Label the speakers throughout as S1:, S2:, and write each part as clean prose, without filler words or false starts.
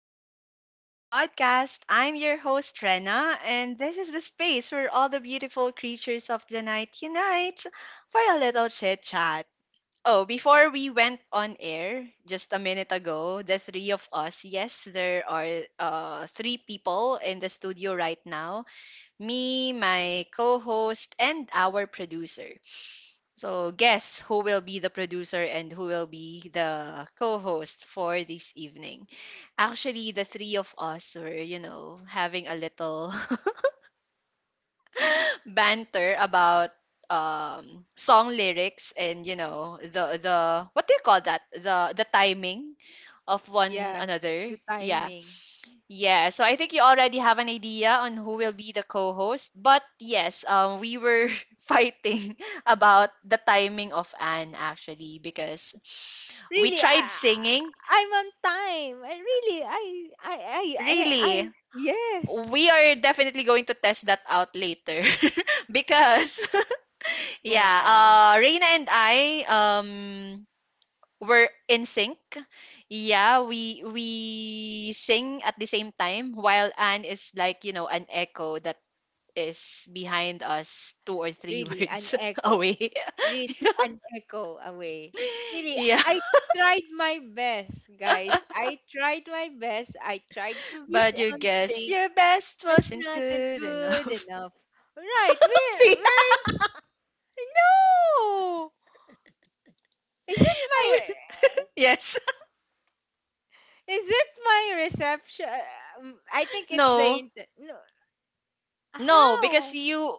S1: to the Sleepless Beauty Podcast. I'm your host, Rena, and this is the space where all the beautiful creatures of the night unite for a little chit chat. Oh, before we went on air just a minute ago, the three of us, yes, there are three people in the studio right now, me, my co host, and our producer. So, guess who will be the producer and who will be the co host for this evening? Actually, the three of us were, you know, having a little banter about song lyrics, and you know the what do you call that, the timing of one
S2: Yeah,
S1: another,
S2: the
S1: yeah.
S2: timing.
S1: Yeah, so I think you already have an idea on who will be the co-host. But yes, we were fighting about the timing of Anne, actually, because we
S2: Really,
S1: tried
S2: I,
S1: singing.
S2: I'm on time. I really,
S1: Really,
S2: yes.
S1: we are definitely going to test that out later. Because
S2: Oh
S1: yeah,
S2: my,
S1: Reina and I um were in sync. Yeah, we sing at the same time while Anne is like, you know, an echo that is behind us two or three
S2: really, an
S1: words
S2: echo.
S1: away.
S2: Really, an echo away. Really,
S1: Yeah.
S2: I tried my best, guys. I tried my best. I tried to be
S1: But you
S2: on
S1: guess
S2: sync.
S1: your best
S2: That's
S1: wasn't
S2: not
S1: good
S2: good
S1: enough.
S2: enough. Right, we're,
S1: See?
S2: we're in, no! Is it
S1: I,
S2: my?
S1: yes.
S2: Is it my reception? I think it's the
S1: No.
S2: inter. No,
S1: No, because
S2: how?
S1: you,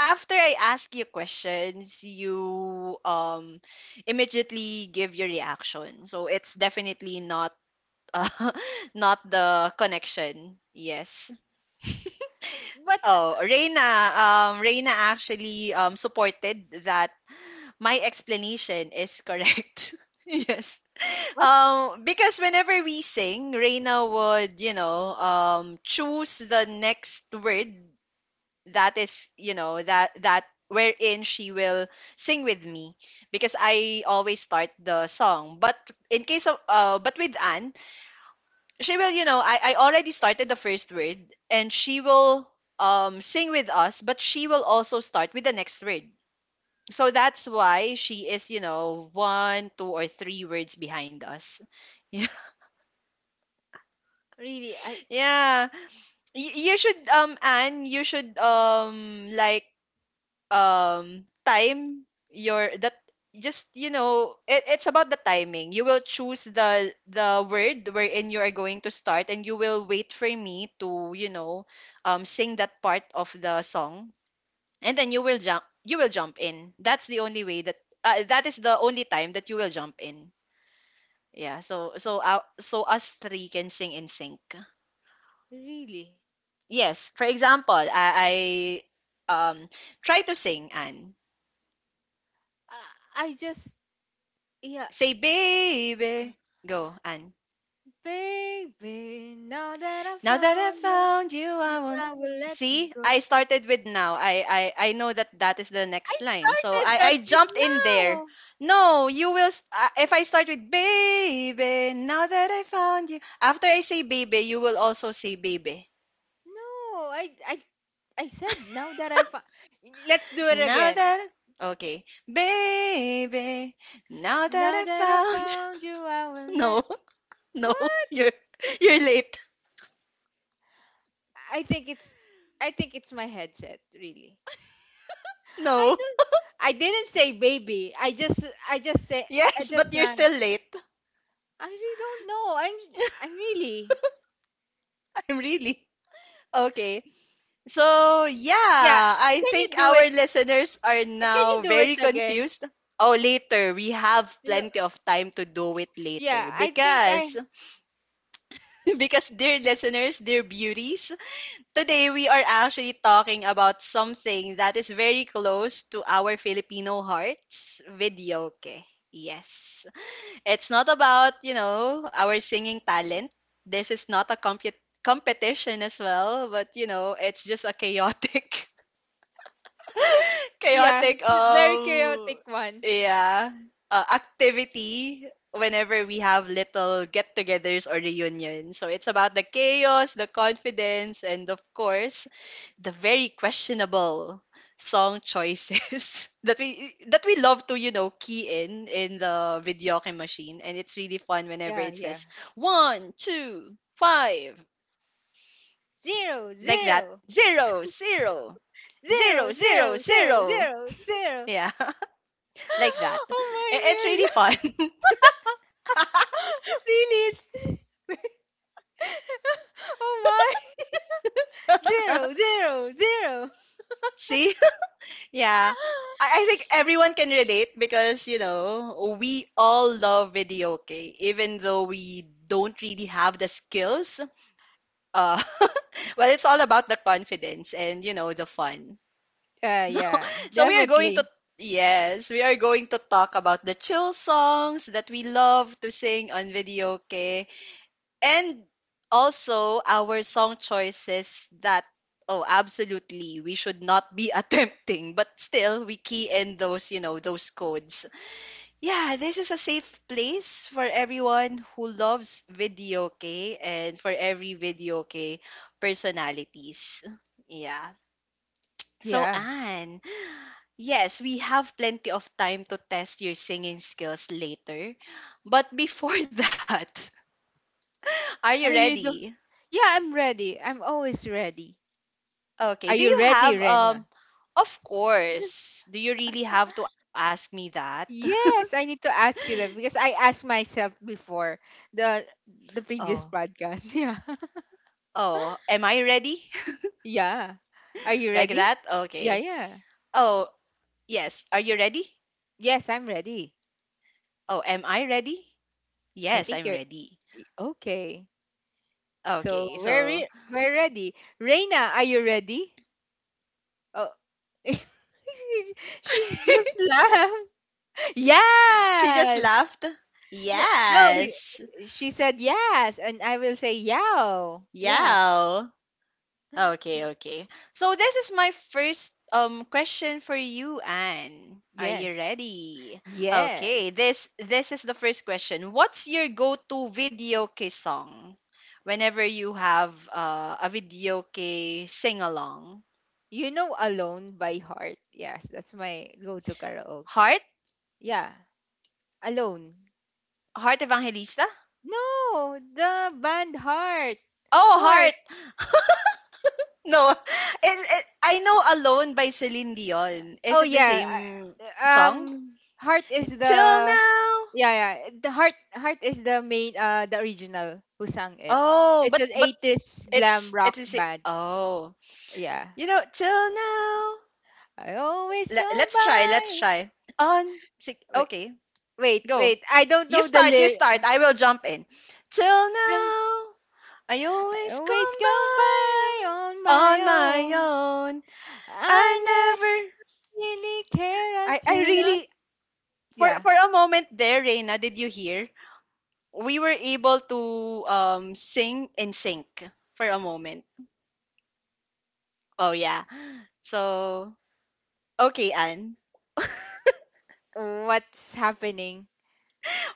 S1: after I ask you questions, you immediately give your reaction. So it's definitely not uh, not the connection. Yes.
S2: What?
S1: Oh, Reina. Reina actually supported that my explanation is correct. Yes.
S2: What?
S1: Because whenever we sing, Reina would, you know, choose the next word that is, you know, that wherein she will sing with me, because I always start the song. But in case of, but with Anne, she will, you know, I already started the first word, and she will sing with us, but she will also start with the next word. So that's why she is, you know, one, two, or three words behind us.
S2: Really? I
S1: Yeah. You should, Anne, you should, like, time your, that, just, you know, it's about the timing. You will choose the word wherein you are going to start, and you will wait for me to, you know, sing that part of the song. And then you will jump in. That's the only way that, that is the only time that you will jump in. Yeah, so so us three can sing in sync.
S2: really?
S1: Yes, for example, I try to sing and
S2: Uh, I just yeah,
S1: say baby go, and
S2: baby. Now that I
S1: now that I
S2: found you,
S1: found you, I won't.
S2: I will let you
S1: See,
S2: go.
S1: I started with now. I know that that is the
S2: I
S1: next line, so
S2: started
S1: I
S2: that
S1: I
S2: with
S1: jumped in there.
S2: now.
S1: No, you will if I start with baby now that I found you, after I say baby you will also say baby.
S2: No, I said now that I found. Let's do it
S1: Now
S2: again.
S1: that okay, baby. Now that
S2: Now
S1: I
S2: that I
S1: found you.
S2: found you, I will not.
S1: No, no,
S2: What?
S1: you're you're late.
S2: I think it's I think it's my headset. Really. I
S1: No,
S2: don't. I didn't say baby. I just. I just say. I
S1: yes, but
S2: just
S1: you're
S2: sang.
S1: still late.
S2: I really don't know. I'm. I'm really.
S1: I'm really okay. So yeah,
S2: Yeah.
S1: I
S2: Can
S1: think
S2: you do
S1: our
S2: it?
S1: listeners are
S2: Can you
S1: now
S2: do it
S1: very
S2: again?
S1: confused. Oh, later, we have
S2: You know.
S1: plenty of time to do it
S2: Yeah.
S1: later
S2: I think
S1: because
S2: I.
S1: because dear listeners, dear beauties. Today, we are actually talking about something that is very close to our Filipino hearts, videoke. Yes. It's not about, you know, our singing talent. This is not a competition as well, but, you know, it's just a chaotic
S2: Yeah.
S1: chaotic
S2: It's a very chaotic one.
S1: yeah activity whenever we have little get-togethers or reunions. So it's about the chaos, the confidence, and of course the very questionable song choices that we love to, you know, key in the videoke machine. And it's really fun whenever
S2: Yeah.
S1: it
S2: Yeah.
S1: says 1 2 5,
S2: Zero.
S1: like that,
S2: Zero.
S1: zero zero zero
S2: Zero.
S1: zero
S2: Zero. Zero.
S1: zero,
S2: Zero. Zero.
S1: yeah. Like that.
S2: Oh my
S1: I- It's really
S2: mirror.
S1: fun.
S2: Really? It's, oh my. Zero. Zero. Zero.
S1: See? Yeah. I think everyone can relate because, you know, we all love video game, even though we don't really have the skills. Uh, well, it's all about the confidence and, you know, the fun.
S2: Yeah, yeah,
S1: So we are going to,
S2: definitely.
S1: yes, we are going to talk about the chill songs that we love to sing on videoke, and also our song choices that, oh, absolutely we should not be attempting, but still we key in those, you know, those codes. Yeah, this is a safe place for everyone who loves video okay, and for every video okay personalities. Yeah. So
S2: Yeah.
S1: Anne, yes, we have plenty of time to test your singing skills later, but before that, are you
S2: Are you
S1: ready?
S2: do? Yeah, I'm ready. I'm always ready.
S1: Okay.
S2: Are
S1: Do
S2: you
S1: you
S2: ready,
S1: have
S2: Rena?
S1: of course. Do you really have to ask me that?
S2: Yes, I need to ask you that because I asked myself before the the previous
S1: Oh.
S2: podcast. Yeah.
S1: Oh, am I ready?
S2: Yeah. Are you
S1: Like
S2: ready?
S1: that?
S2: Yeah,
S1: Okay.
S2: yeah.
S1: Oh, yes. Are you ready?
S2: Yes, I'm ready.
S1: Oh, am I ready?
S2: I
S1: Yes,
S2: think
S1: I'm
S2: you're
S1: ready.
S2: okay. So
S1: Okay.
S2: we're
S1: So,
S2: we're ready. Reina, are you ready? Oh, she's just laughed.
S1: she just
S2: Yes.
S1: laughed.
S2: No, no,
S1: Yes.
S2: she said yes, and I will say yow. Yeah,
S1: Yeah. Okay, okay. So this is my first question for you, Anne. Are you
S2: yes,
S1: ready? Okay,
S2: yes.
S1: this is the first question. What's your go-to video karaoke song whenever you have a video karaoke sing-along?
S2: You know, Alone by Heart. Yes, that's my go-to karaoke.
S1: Heart?
S2: Yeah, alone.
S1: Heart Evangelista?
S2: No, the band Heart,
S1: Oh,
S2: Heart.
S1: Heart. No. It, I know Alone by Celine Dion. Is
S2: Oh
S1: it the
S2: yeah,
S1: same song?
S2: Heart is
S1: Y- Till
S2: the,
S1: now.
S2: yeah, yeah. The Heart is the main, the original who sang it.
S1: Oh,
S2: It's an
S1: but
S2: 80s glam
S1: it's it
S2: rock
S1: is a
S2: band.
S1: oh.
S2: Yeah.
S1: You know, till now.
S2: I always come
S1: Let, let's try, let's try. On six,
S2: by.
S1: okay,
S2: Wait,
S1: go.
S2: wait. I don't
S1: You
S2: know the
S1: start, you
S2: lyrics.
S1: start. I will jump in. Till now, I
S2: I
S1: always
S2: always
S1: come
S2: go by on
S1: by
S2: my
S1: on my
S2: own.
S1: own. I
S2: I never
S1: never
S2: really care
S1: I I
S2: until I.
S1: really
S2: Yeah.
S1: for a moment there, Reina, did you hear? We were able to sing in sync for a moment. Oh yeah. So, okay, Anne.
S2: What's happening?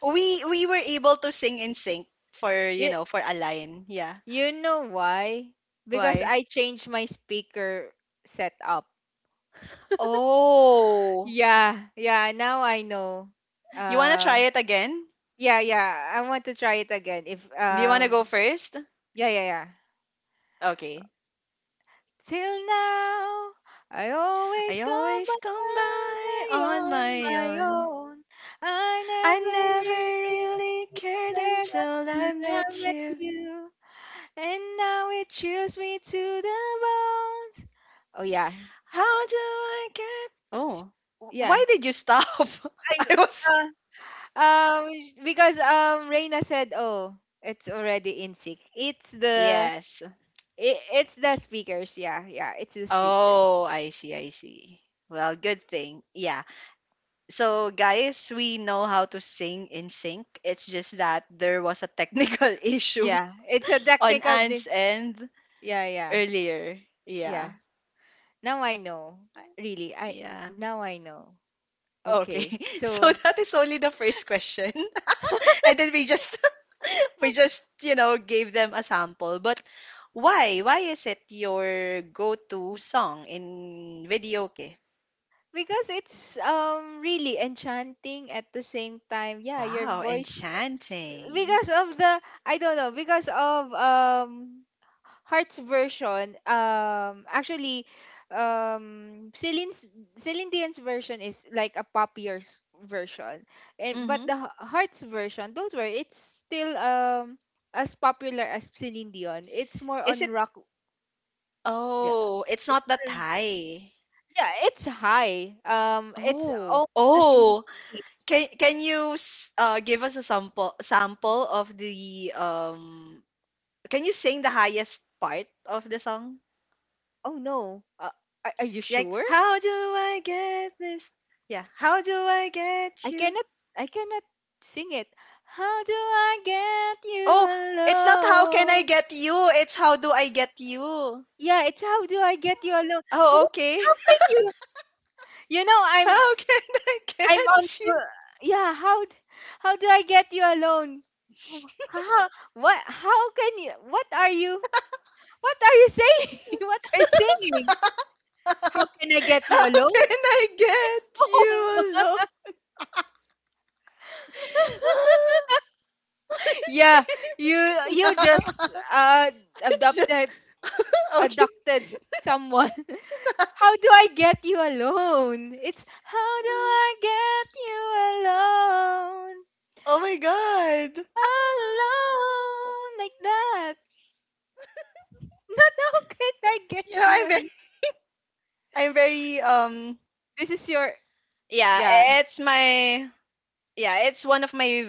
S1: We were able to sing in sync for, you
S2: You,
S1: know, for a line. Yeah.
S2: you know why? Because
S1: Why?
S2: I changed my speaker setup.
S1: Oh.
S2: Yeah, yeah. Now I know.
S1: You wanna try
S2: Uh,
S1: it again?
S2: yeah, yeah. I want to try it again. If,
S1: Do you wanna go first?
S2: yeah, yeah, yeah.
S1: Okay.
S2: Till now, I
S1: I
S2: always go
S1: always
S2: by
S1: come by on
S2: on
S1: my
S2: my
S1: own.
S2: own. I
S1: I never
S2: never
S1: really cared
S2: regret
S1: until I
S2: until I
S1: met
S2: met
S1: you.
S2: you. And now it chills me to the bones. Oh, yeah.
S1: How do I get? Oh. wh-
S2: Yeah.
S1: Why did you stop?
S2: I,
S1: I was.
S2: uh, um, because, Reina said, oh, it's already in sync. It's the.
S1: Yes.
S2: It's the speakers, yeah, yeah, it's the speakers.
S1: Oh, I see, I see. Well, good thing. Yeah, so, guys, we know how to sing in sync. It's just that there was a technical issue
S2: Yeah, it's a
S1: on
S2: technical.
S1: Anne's end
S2: Yeah, yeah.
S1: earlier. Yeah.
S2: Yeah. Now I know. Really, I
S1: Yeah.
S2: now I know. Okay.
S1: Okay.
S2: So
S1: So that is only the first question. And then we just we just, you know, gave them a sample. But why? Why is it your go-to song in video? Okay.
S2: because it's really enchanting at the same time. Yeah, your
S1: Wow,
S2: voice,
S1: enchanting.
S2: because of the I don't know, because of Heart's version. Actually, um Celine's Celine Dion's version is like a poppier's version. And but
S1: Mhm.
S2: the Heart's version, don't worry, it's still as popular as Celine Dion. It's more
S1: Is
S2: on
S1: it
S2: rock, yeah.
S1: oh, it's not that high.
S2: Yeah, it's high. It's
S1: Oh.
S2: almost the same
S1: Oh,
S2: key.
S1: can you give us a sample sample of the um? Can you sing the highest part of the song?
S2: Oh no. Are you
S1: Like,
S2: sure?
S1: how do I get this? Yeah, how do I get
S2: I
S1: you?
S2: cannot. I cannot sing it. How do I get you
S1: Oh, it's not how can I
S2: alone?
S1: get you, it's how do I get you.
S2: Yeah, it's how do I get you alone?
S1: Oh, okay.
S2: How can you? You know,
S1: How can I
S2: I'm on.
S1: get you?
S2: Yeah, how how do I get you alone? Oh, how? What? How can you? What are you? What are you saying? What are you singing? How can I get you
S1: How can
S2: alone?
S1: I get
S2: Oh.
S1: you
S2: Yeah, you
S1: alone?
S2: you just
S1: It's just
S2: adopted
S1: okay.
S2: adopted someone. How do I get you alone? It's how do I get you alone?
S1: Oh my god. Alone.
S2: Alone like that. Not how can I get
S1: You know,
S2: you alone?
S1: I'm very,
S2: This is your,
S1: yeah,
S2: yeah,
S1: it's my, yeah, it's one of my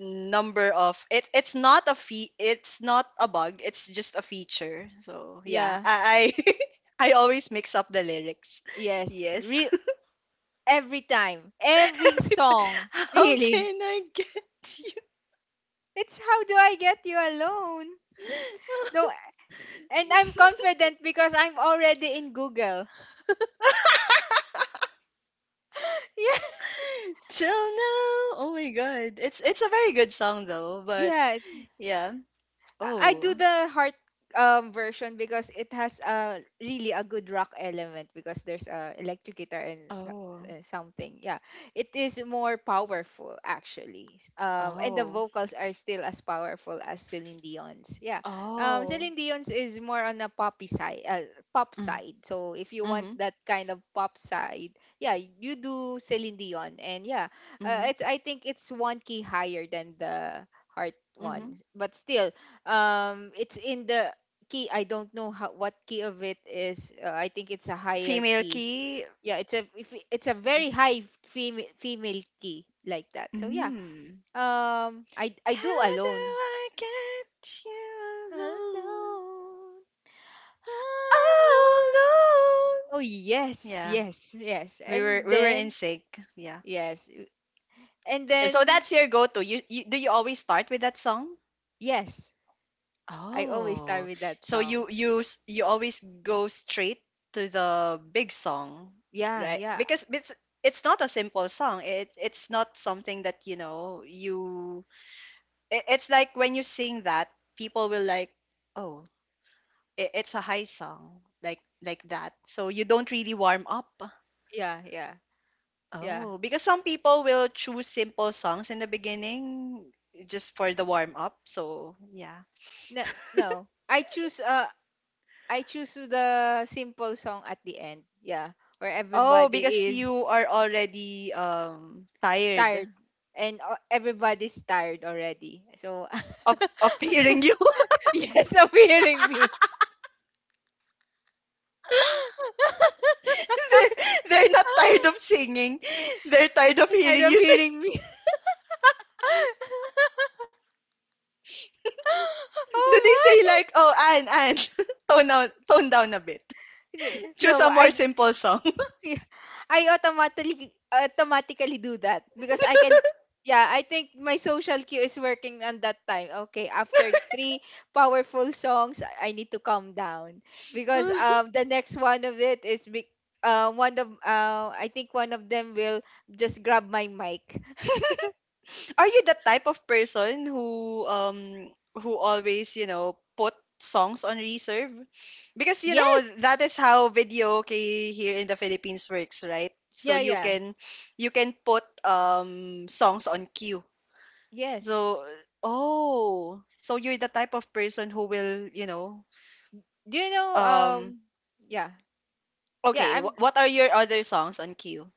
S1: number of, it, it's not a fee, it's not a bug, it's just a feature. So, yeah,
S2: yeah.
S1: I, I always mix up the lyrics.
S2: Yes.
S1: Yes.
S2: Every time. Every
S1: Every time,
S2: song.
S1: how
S2: Really.
S1: can I get
S2: It's how do I get you alone? No, and
S1: you?
S2: I'm confident because I'm already in Google. Yeah.
S1: Till now, oh my god, it's a very good song though. But
S2: Yeah,
S1: yeah,
S2: I do
S1: oh,
S2: the Heart, version because it has a really a good rock element because there's a electric guitar and
S1: oh,
S2: something. Yeah, it is more powerful actually. And the
S1: oh,
S2: vocals are still as powerful as Celine Dion's. Yeah,
S1: oh,
S2: Celine Dion's is more on a poppy side, pop
S1: mm,
S2: side. So if you want
S1: hmm,
S2: that kind of pop side, yeah, you do Celine Dion. And yeah,
S1: mm-hmm,
S2: it's I think it's one key higher than the Heart
S1: mm-hmm.
S2: one, but still it's in the key. I don't know how What key of it is, I think it's a higher
S1: Female
S2: key.
S1: key.
S2: Yeah, it's a if it- it's a very high female key like that. So yeah,
S1: Mm.
S2: I do
S1: How do
S2: alone,
S1: I get you alone?
S2: alone, alone. Oh
S1: Alone.
S2: yes,
S1: Yeah,
S2: yes, yes,
S1: we were
S2: and
S1: we were in
S2: then
S1: sync. Yeah.
S2: yes, and
S1: So
S2: then
S1: that's your go-to. You do you always start with that song?
S2: yes, I always start
S1: Oh,
S2: with that
S1: so
S2: song.
S1: you you always go straight to the big song,
S2: Yeah,
S1: right?
S2: yeah,
S1: Because it's not a simple song. It it's not something that, you know, you it, it's like when you sing that, people will like, "Oh, it, it's a high song." Like that. So you don't really warm up.
S2: yeah, yeah, yeah.
S1: Oh, because some people will choose simple songs in the beginning just for the warm up. So, yeah.
S2: No, no, I choose the simple song at the end. Yeah, where
S1: Oh,
S2: everybody
S1: because
S2: is
S1: you are already tired
S2: tired and, everybody's tired already. So,
S1: of hearing you.
S2: yes, of hearing me.
S1: they're, they're not tired of singing. They're tired of
S2: You're tired
S1: hearing
S2: of
S1: you
S2: hearing
S1: sing.
S2: me.
S1: Do they
S2: Oh
S1: say
S2: my!
S1: like, "Oh, Anne, Anne, tone down a bit. Choose
S2: No,
S1: a
S2: I.
S1: more simple song."
S2: Yeah, I automatically do that because I can, yeah, I think my social cue is working on that time. Okay, after three powerful songs, I need to calm down because the next one of it is be, one of, I think one of them will just grab my mic.
S1: Are you the type of person who always, you know, put songs on reserve? Because you know,
S2: Yes.
S1: that is how video okay here in the Philippines works, right? So
S2: Yeah, yeah.
S1: you can put songs on queue.
S2: Yes.
S1: So oh, so you're the type of person who will, you know,
S2: Do you know,
S1: um
S2: yeah. Yeah,
S1: okay, what are your other songs on queue?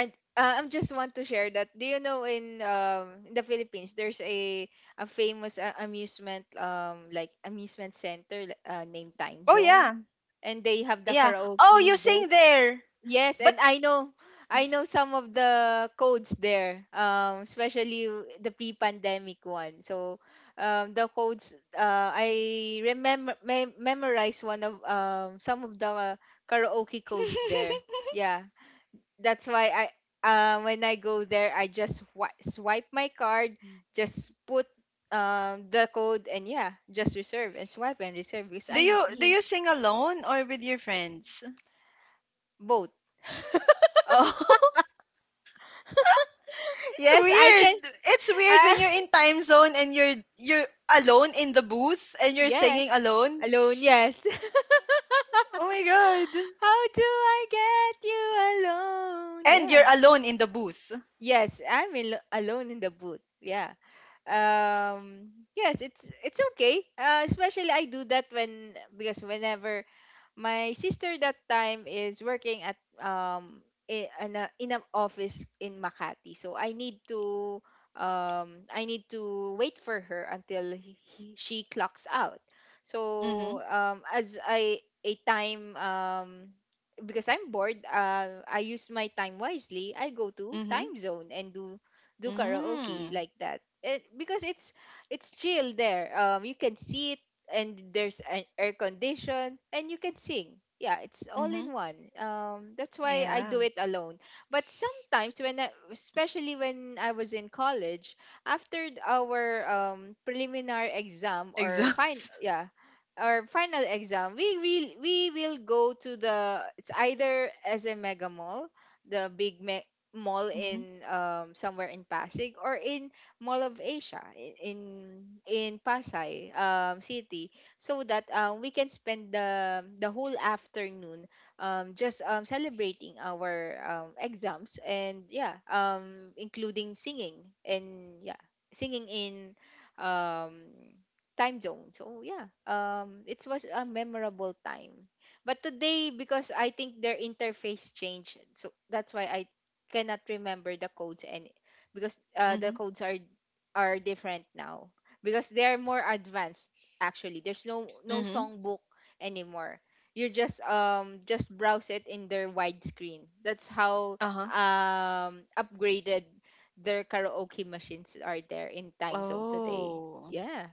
S2: I I'm just want to share that. Do you know, in the Philippines there's a famous, amusement, like amusement center, named Time
S1: Oh
S2: Zone,
S1: yeah.
S2: and they have the
S1: Yeah. Oh,
S2: karaoke
S1: you
S2: boat.
S1: sing there.
S2: Yes,
S1: But
S2: and I know some of the codes there. Especially, the pre-pandemic one. So, the codes, I remember, memorize one of, some of the karaoke codes there. Yeah, that's why I, when I go there, I just, swipe my card, just put, the code, and yeah, just reserve, and swipe and reserve because
S1: do
S2: I
S1: you do
S2: need
S1: you sing alone or with your friends?
S2: both.
S1: Oh, it's
S2: Yes, I can.
S1: weird. It's weird
S2: Uh,
S1: when you're in time zone and you're alone in the booth and you're
S2: yeah,
S1: singing alone.
S2: alone. Yes.
S1: Oh my god.
S2: How do I get you alone?
S1: And
S2: Yeah.
S1: you're alone in the booth.
S2: Yes, I'm in, alone in the booth. Yeah. Yes, it's okay. Especially I do that when, because whenever my sister that time is working at, in in an office in Makati. So I need to, wait for her until, she clocks out. So,
S1: Mhm.
S2: as I a time, because I'm bored, I use my time wisely. I go to Time
S1: Mhm.
S2: Zone and do, karaoke
S1: Mm.
S2: like that. It, because it's, chill there. You can sit, and there's an air condition, and you can sing. Yeah, it's all in
S1: Mhm.
S2: one. That's why I
S1: Yeah.
S2: do it alone. But sometimes when I, especially when I was in college, after our, preliminary exam, or fine,
S1: Exams.
S2: yeah, our final exam, we will, go to the, it's either as a mega mall, the big, mall
S1: Mhm.
S2: in, somewhere in Pasig, or in Mall of Asia, in Pasay, city, so that, we can spend the whole afternoon, just, celebrating our, exams, and yeah, including singing, and yeah, singing in, um Time Zone. So yeah, it was a memorable time. But today, because I think their interface changed, so that's why I cannot remember the codes, and because, the
S1: Mhm.
S2: codes are, different now, because they are more advanced. Actually, there's no
S1: Mhm.
S2: songbook anymore. You just, just browse it in their widescreen. That's how,
S1: Uh-huh.
S2: upgraded their karaoke machines are there in Time Zone today.
S1: Oh.
S2: Yeah.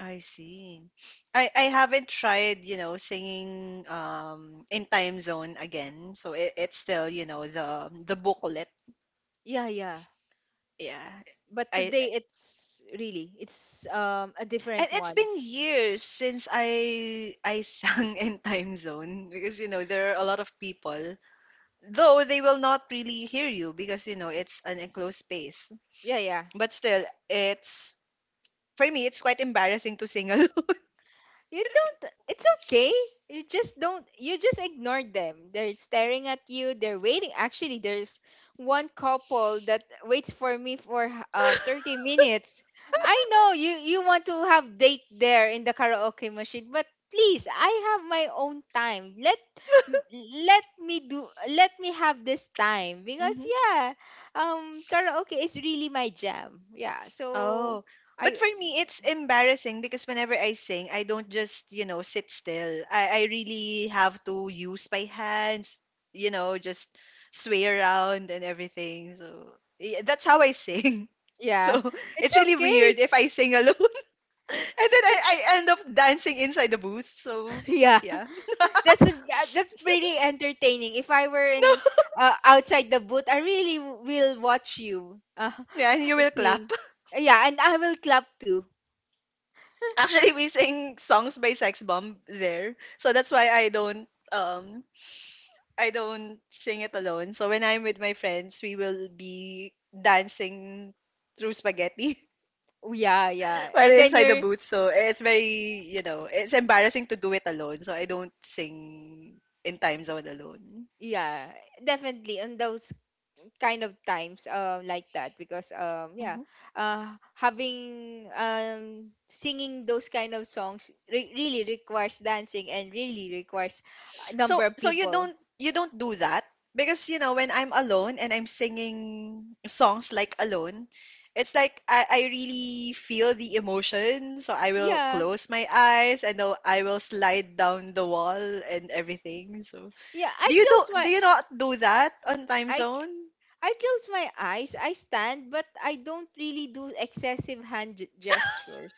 S1: I see. I haven't tried, singing in time zone again. So it's still, the booklet.
S2: Yeah, yeah.
S1: Yeah.
S2: But
S1: I
S2: today it's really, it's a
S1: And
S2: different
S1: it's
S2: one.
S1: been years since I sang in time zone because, there are a lot of people, though they will not really hear you because, it's an enclosed space,
S2: Yeah, yeah.
S1: but still, it's for me, it's quite embarrassing to sing alone.
S2: You don't. It's okay. You just don't. You just ignore them. They're staring at you. They're waiting. Actually, there's one couple that waits for me for, 30 minutes. I know you. You want to have date there in the karaoke machine, but please, I have my own time. Let me do. Let me have this time, because yeah, karaoke is really my jam. Yeah. So
S1: Oh, but
S2: I,
S1: for me, it's embarrassing because whenever I sing, I don't just, sit still. I really have to use my hands, just sway around and everything. So yeah, that's how I sing. So
S2: yeah, it's
S1: it's really weird
S2: okay.
S1: if I sing alone and then I end up dancing inside the booth. So
S2: Yeah.
S1: yeah.
S2: That's, pretty entertaining. If I were
S1: No,
S2: in, outside the booth, I really will watch you,
S1: yeah, and you will clap.
S2: sing. Yeah, and I will clap too.
S1: Actually, we sing songs by Sex Bomb there. So that's why I don't. Um, I don't sing it alone. So when I'm with my friends, we will be dancing through spaghetti
S2: Yeah, yeah.
S1: while
S2: And then
S1: inside the
S2: you're,
S1: booth. So it's very, it's embarrassing to do it alone. So I don't sing in time zone alone.
S2: yeah, definitely on those kind of times, like that, because, yeah,
S1: Mm-hmm.
S2: uh having, singing those kind of songs, really requires dancing, and really requires a
S1: So
S2: number of
S1: so you
S2: people.
S1: don't you don't do that because, when I'm alone and I'm singing songs like alone, it's like I really feel the emotion. So I will
S2: Yeah.
S1: close my eyes and though I will slide down the wall and everything. So
S2: Yeah, I close my,
S1: do you not do that on time
S2: I
S1: zone?
S2: I close my eyes, I stand, but I don't really do excessive hand, gestures.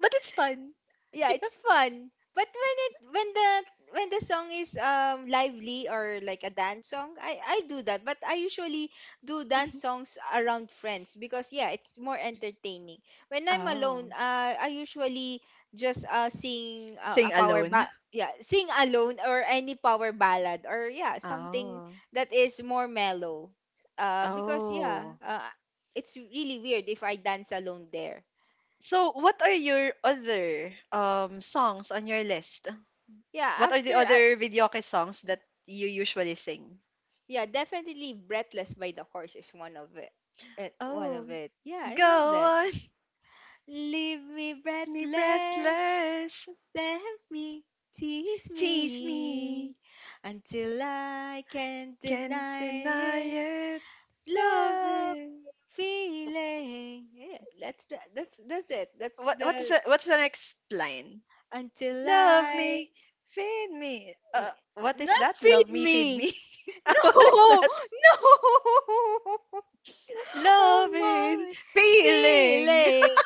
S1: But it's fun.
S2: Yeah, it's fun. But when it, when the song is, lively, or like a dance song, I do that. But I usually do dance songs around friends, because yeah, it's more entertaining. When I'm alone,
S1: Oh,
S2: I usually just sing
S1: sing
S2: a power
S1: alone.
S2: ba yeah, sing alone or any power ballad or yeah, something
S1: Oh,
S2: that is more mellow. Because
S1: oh.
S2: it's really weird if I dance alone there
S1: So what are your other songs on your list?
S2: yeah
S1: What are the
S2: after
S1: other videoke songs that you usually sing?
S2: Yeah, definitely Breathless by the Horse is one of it. One of
S1: Oh,
S2: it. Yeah, I love
S1: go
S2: that.
S1: on,
S2: Leave me
S1: me
S2: breathless,
S1: breathless,
S2: tempt me, tease
S1: tease me,
S2: me, until I can't
S1: can't
S2: deny
S1: deny
S2: it.
S1: it, love
S2: Love
S1: it.
S2: feeling. Yeah, that's it. That's the
S1: What's the next line?
S2: until
S1: Love
S2: I
S1: me, feed me.
S2: eh,
S1: What is
S2: not
S1: that? Love
S2: feed
S1: me, feed
S2: me.
S1: me. What is
S2: No,
S1: that?
S2: no. Oh
S1: Loving,
S2: my
S1: feeling.
S2: feeling.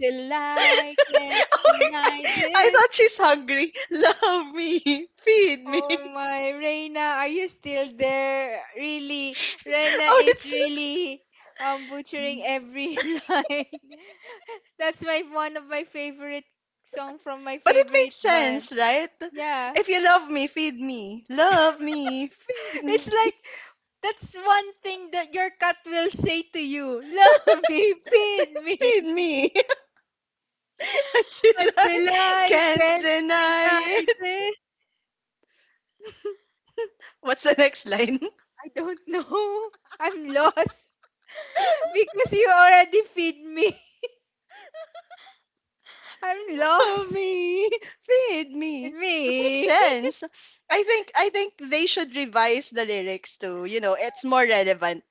S2: Till I
S1: oh
S2: can't
S1: my, God.
S2: deny
S1: I
S2: this.
S1: thought she's hungry. Love me, feed me.
S2: Oh my, Reina, are you still there? Really, Rena
S1: Oh,
S2: is
S1: it's
S2: really butchering every line. That's my one of my favorite song from my
S1: But it
S2: favorite
S1: makes
S2: band.
S1: sense, right?
S2: Yeah,
S1: If you love me, feed me. Love me, feed
S2: it's
S1: me.
S2: like that's one thing that your cat will say to you. Love me, feed me
S1: Feed me until I
S2: until I
S1: can't
S2: can't deny
S1: deny it.
S2: this.
S1: What's the next line?
S2: I don't know. I'm lost. Because you already feed me. I'm
S1: Love
S2: lost.
S1: me, feed me. It makes
S2: Me?
S1: sense. I think they should revise the lyrics too. You know, it's more relevant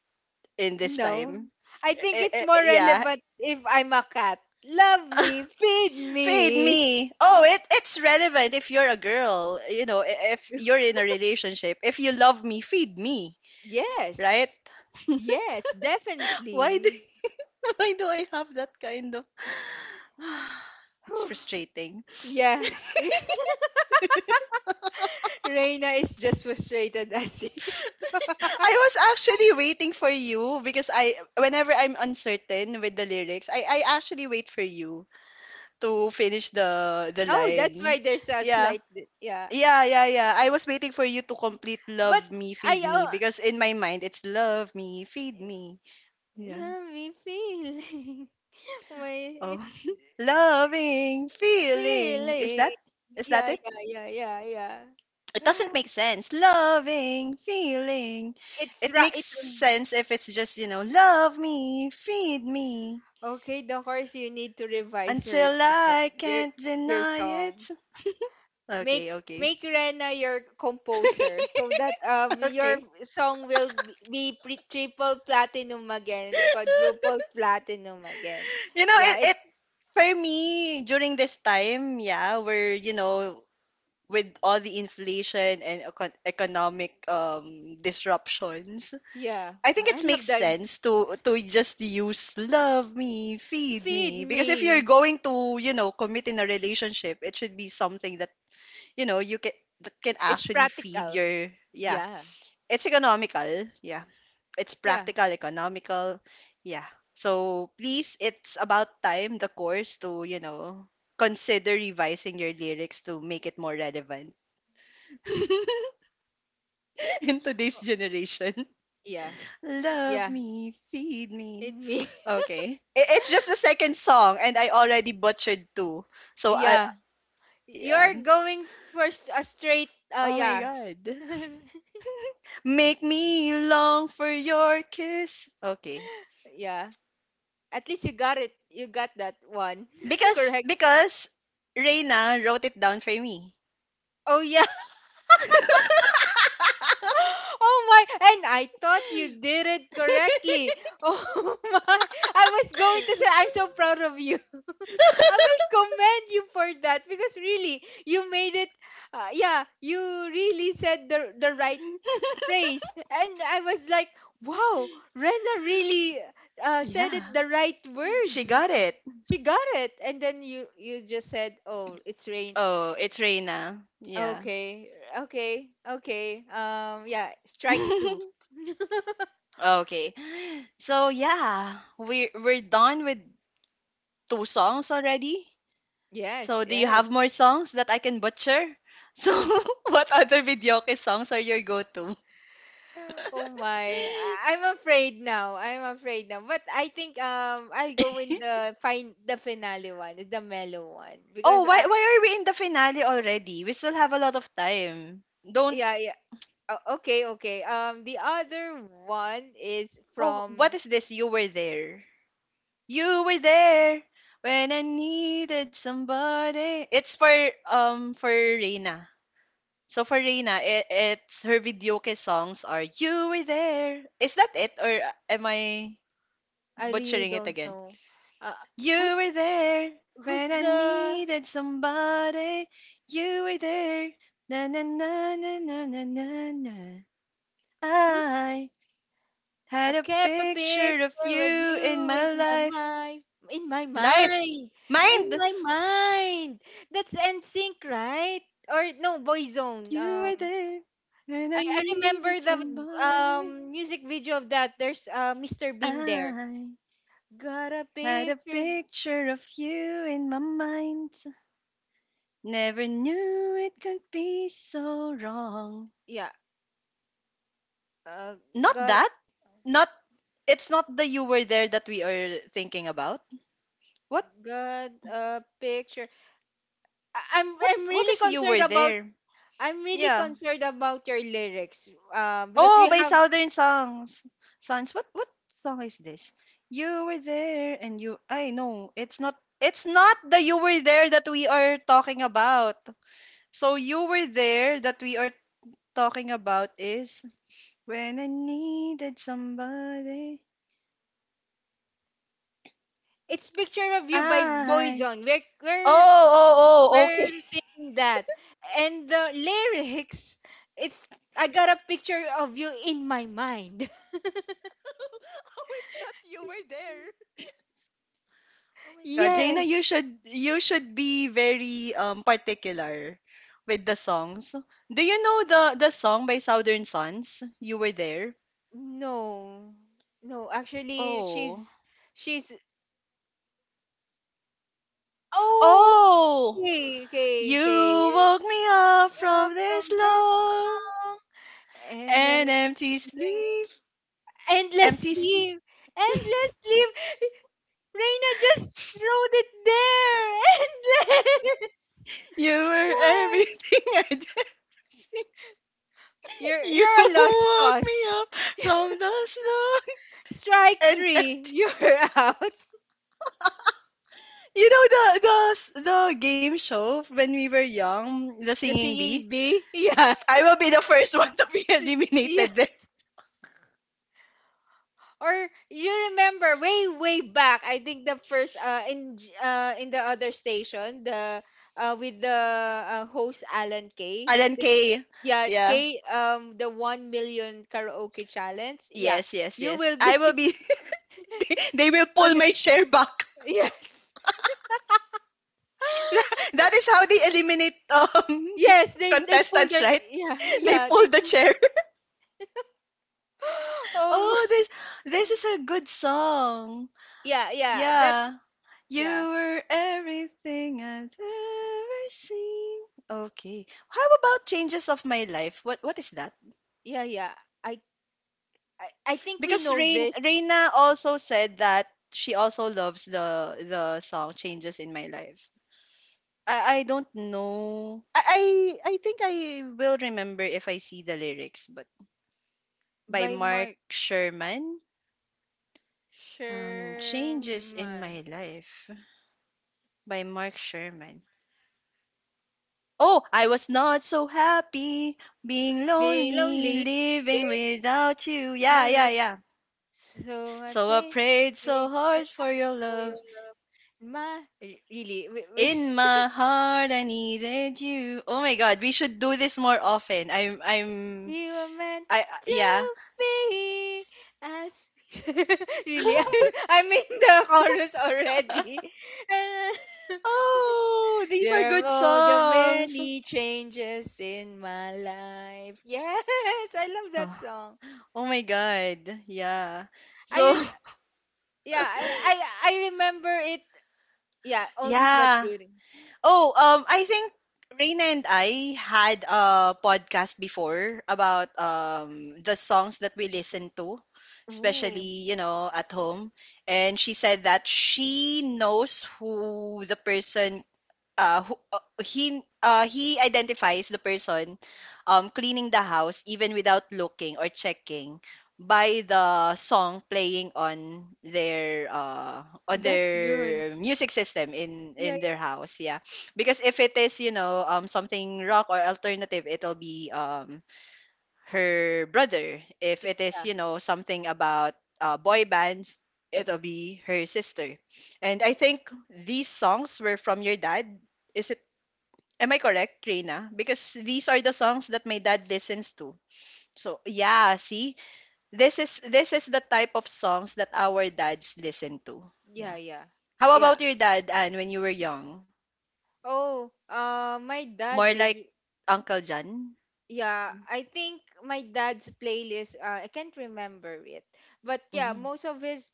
S1: in this
S2: No.
S1: time.
S2: I think
S1: Eh,
S2: it's
S1: eh, eh,
S2: more
S1: yeah.
S2: relevant if I'm a cat. Love me, feed
S1: Feed
S2: me.
S1: me. Oh, it's relevant if you're a girl, you know, if you're in a relationship. If you love me, feed me, right?
S2: Yes. Yes,
S1: Why do
S2: definitely.
S1: why do I have that kind of It's
S2: Whew.
S1: frustrating.
S2: Yeah. Reina is just frustrated as you.
S1: I was actually waiting for you because I whenever I'm uncertain with the lyrics, I actually wait for you to finish the
S2: Oh, that's
S1: line.
S2: why there's a
S1: Yeah.
S2: yeah.
S1: Yeah, yeah, yeah. I was waiting for you to complete
S2: But
S1: love me, feed
S2: I
S1: me because in my mind it's love me, feed me. Yeah.
S2: me feeling. Why
S1: Oh.
S2: it's
S1: Loving, feeling. Is
S2: feeling.
S1: that is that
S2: Yeah,
S1: it?
S2: yeah, yeah, yeah,
S1: It doesn't
S2: yeah.
S1: make sense. Loving, feeling.
S2: It's
S1: It
S2: right.
S1: makes sense if it's just, you know, love me, feed me
S2: Okay, the horse. You need to revise
S1: until I
S2: your
S1: can't
S2: your
S1: deny it.
S2: song. Make
S1: Okay, okay.
S2: Make Rena your composer so that your
S1: Okay.
S2: song will be triple platinum again, quadruple platinum again.
S1: you know,
S2: Yeah,
S1: it
S2: it.
S1: it for me during this time, yeah, we're with all the inflation and economic disruptions.
S2: Yeah,
S1: I think
S2: I
S1: it
S2: love
S1: makes
S2: that.
S1: sense to just use love me, feed
S2: Feed
S1: me. Because if you're
S2: me.
S1: going to, commit in a relationship, it should be something that, you can, that can
S2: It's
S1: actually feed
S2: practical.
S1: your, yeah.
S2: Yeah,
S1: It's economical. Yeah. It's
S2: yeah,
S1: practical, economical. Yeah. So please, it's about time the course to, consider revising your lyrics to make it more relevant in today's generation.
S2: yeah,
S1: Love
S2: yeah.
S1: me, feed me.
S2: Feed me.
S1: Okay. It's just the second song and I already butchered two. So I,
S2: Yeah.
S1: yeah.
S2: You're going for a straight
S1: Oh my
S2: yeah.
S1: god. Make me long for your kiss. Okay.
S2: Yeah. At least you got it. You got that one.
S1: Because
S2: Correct.
S1: because Reina wrote it down for me.
S2: Oh yeah. Oh my. And I thought you did it correctly. Oh my. I was going to say I'm so proud of you. I will commend you for that because really you made it yeah, you really said the right phrase. And I was like, "Wow, Rena really said it
S1: Yeah.
S2: the right
S1: She
S2: words."
S1: got it.
S2: She got it, and then you just said, "Oh, it's rain."
S1: Oh, it's Reina. Yeah.
S2: Okay, okay. Yeah, strike two.
S1: Okay. So yeah, we're done with two songs already.
S2: Yes,
S1: So do you have
S2: yes.
S1: more songs that I can butcher? So what other videoke songs are your go-to?
S2: Oh my, I'm afraid now. I'm afraid now. But I think I'll go in the finale one, the mellow one,
S1: Oh,
S2: because
S1: why
S2: I
S1: why are we in the finale already? We still have a lot of time. Don't.
S2: yeah yeah. Okay, okay. The other one is
S1: Oh, what
S2: from
S1: is this? You were there. You were there when I needed somebody. It's for Reina. So for Reina, it's her videoke songs are You Were There. Is that it, or am I
S2: I really
S1: butchering it
S2: don't
S1: again?
S2: know. Uh,
S1: You
S2: who's
S1: were there when
S2: who's
S1: I
S2: the
S1: needed somebody. You were there. Na na na na na na na na.
S2: who's
S1: I
S2: I
S1: had a
S2: kept a
S1: picture of
S2: picture of
S1: you in
S2: you
S1: my
S2: in my
S1: life.
S2: mind. In my
S1: Life!
S2: mind. In
S1: Mind!
S2: my mind. That's NSYNC, right? Or no, Boyzone.
S1: You were there when I
S2: I remember
S1: needed
S2: the
S1: somebody.
S2: music video of that. There's Mr. Bean there.
S1: I
S2: Got a
S1: had a
S2: picture.
S1: picture of you in my mind. Never knew it could be so wrong.
S2: Yeah. Uh,
S1: Not
S2: got
S1: that. Not It's not the you were there that we are thinking about. What
S2: got a picture.
S1: what
S2: I'm
S1: what
S2: really
S1: is you
S2: concerned
S1: were
S2: about.
S1: there?
S2: I'm really
S1: Yeah.
S2: concerned about your lyrics. Because
S1: Oh,
S2: we
S1: by
S2: have
S1: Southern Songs. Sons. What song is this? You were there and you I know it's not the you were there that we are talking about. So you were there that we are talking about is when I needed somebody.
S2: it's Picture of You by
S1: I
S2: Boyzone. We're
S1: Oh,
S2: we're
S1: oh, oh,
S2: we're
S1: okay.
S2: singing that. And the lyrics, it's I got a picture of you in my mind.
S1: Oh, it's not you. We're there. Oh my God, Reina,
S2: Yes.
S1: you should be very particular with the songs. Do you know the song by Southern Sons? You were there.
S2: No. No, actually
S1: Oh,
S2: she's oh
S1: oh,
S2: okay,
S1: you
S2: okay.
S1: woke me up
S2: Up
S1: from
S2: from
S1: this
S2: this
S1: long
S2: song. And
S1: and
S2: then
S1: empty sleep.
S2: endless
S1: Empty.
S2: leave. Endless leave. Reina just wrote it there. Endless.
S1: You were
S2: Why?
S1: everything I'd ever seen. You
S2: You're a lost
S1: woke me
S2: cause.
S1: up from the long
S2: Strike
S1: and
S2: three,
S1: empty.
S2: you're out.
S1: You know the game show when we were young, the
S2: The
S1: singing bee.
S2: singing bee, yeah,
S1: I will be the first one to be
S2: Th- yeah.
S1: eliminated there.
S2: Or you remember way back? I think the first in the other station, the with the host Alan Kay.
S1: Alan Kay.
S2: Yeah,
S1: Yeah.
S2: Kay. The 1 million karaoke challenge. Yeah,
S1: Yes, yes,
S2: you
S1: yes.
S2: will be
S1: I will be. They will
S2: on
S1: pull
S2: the
S1: my chair back.
S2: yes.
S1: That is how they eliminate
S2: Yes, they pulled
S1: contestants,
S2: their
S1: right?
S2: yeah
S1: They pull
S2: they
S1: the
S2: pull,
S1: chair.
S2: oh
S1: Oh,
S2: my
S1: this is a good song.
S2: yeah that
S1: Yeah. You
S2: yeah,
S1: were everything I'd ever seen. Okay. How about changes of my life? What is that?
S2: yeah. I, I think we
S1: Because
S2: know
S1: Rain
S2: this
S1: Reina also said that she also loves the song Changes in My Life. I don't know. I think I will remember if I see the lyrics, but by
S2: by
S1: Mark
S2: Mark
S1: Sherman. Changes in
S2: Sherman.
S1: My Life by Mark Sherman. Oh, I was not so happy being
S2: Being
S1: lonely,
S2: lonely,
S1: living without you. Yeah, yeah,
S2: you.
S1: yeah.
S2: So I
S1: So I
S2: pray,
S1: prayed so
S2: wait so
S1: hard for your
S2: for your
S1: love.
S2: love. My, re- really, we,
S1: In my heart, I needed you. Oh my God, we should do this more often.
S2: we were meant
S1: Yeah.
S2: to be as. Really, I'm in the chorus already.
S1: Oh, these are
S2: There
S1: good
S2: are the
S1: songs.
S2: many changes in my life. Yes, I love that song.
S1: Oh my God, yeah.
S2: I
S1: So,
S2: re- yeah, I I remember it. Yeah, all this but
S1: yeah.
S2: good.
S1: Oh, I think Reina and I had a podcast before about the songs that we listen to,
S2: Ooh,
S1: especially, at home. And she said that she knows who the person, who, he identifies the person, cleaning the house even without looking or checking by the song playing on
S2: that's good.
S1: their music system in
S2: Yeah,
S1: in their house, yeah, because if it is, something rock or alternative, it'll be, her brother, if it is,
S2: yeah,
S1: something about boy bands, it'll be her sister, and I think these songs were from your dad, is it? Am I correct, Reina? Because these are the songs that my dad listens to. So yeah, see, this is the type of songs that our dads listen to.
S2: yeah,
S1: Yeah.
S2: yeah,
S1: How
S2: yeah. Yeah.
S1: about your dad, Anne, when you were young?
S2: Oh, my dad
S1: More
S2: is
S1: like Uncle John.
S2: yeah. I think my dad's playlist. I can't remember it, but yeah,
S1: Mhm.
S2: most of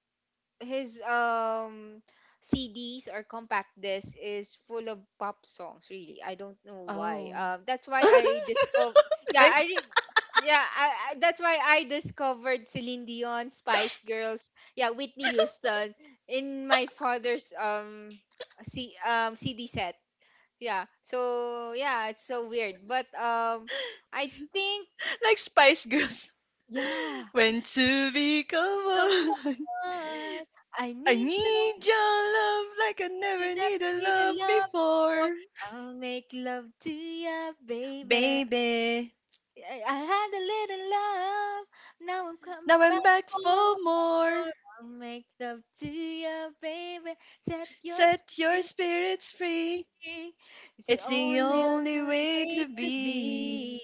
S2: his CDs or compact disc is full of pop songs really I don't know why
S1: Oh,
S2: that's why I discover yeah I
S1: like
S2: re- yeah that's why I discovered Celine Dion Spice Girls yeah Whitney Houston in my father's CD set yeah so yeah it's so weird but I think
S1: like Spice Girls.
S2: yeah
S1: When to become
S2: come
S1: one,
S2: on I
S1: I
S2: need some
S1: need your love like I never
S2: and I
S1: needed
S2: need a
S1: love
S2: love for
S1: before,
S2: I'll make love to ya, baby.
S1: baby.
S2: I had a little love, now I'm coming
S1: Now
S2: back
S1: I'm back
S2: for
S1: for
S2: more.
S1: more.
S2: I'll make love to ya, baby. Set your
S1: Set your
S2: spirit
S1: spirits free.
S2: free. It's the
S1: It's the only
S2: only
S1: way
S2: way
S1: to
S2: to
S1: be.
S2: be.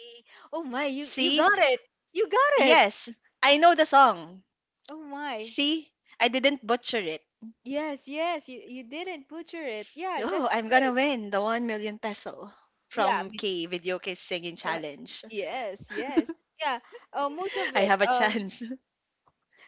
S2: Oh my, you
S1: See?
S2: got it. You got it.
S1: Yes, I know the song.
S2: Oh my.
S1: See? I didn't butcher it.
S2: Yes, yes, you didn't butcher it. Yeah,
S1: Oh,
S2: that's
S1: I'm
S2: good.
S1: gonna win the 1 million peso
S2: Yeah,
S1: from K Video K Singing
S2: Uh,
S1: Challenge.
S2: yes, yes. Yeah, most of
S1: I
S2: it.
S1: have a chance.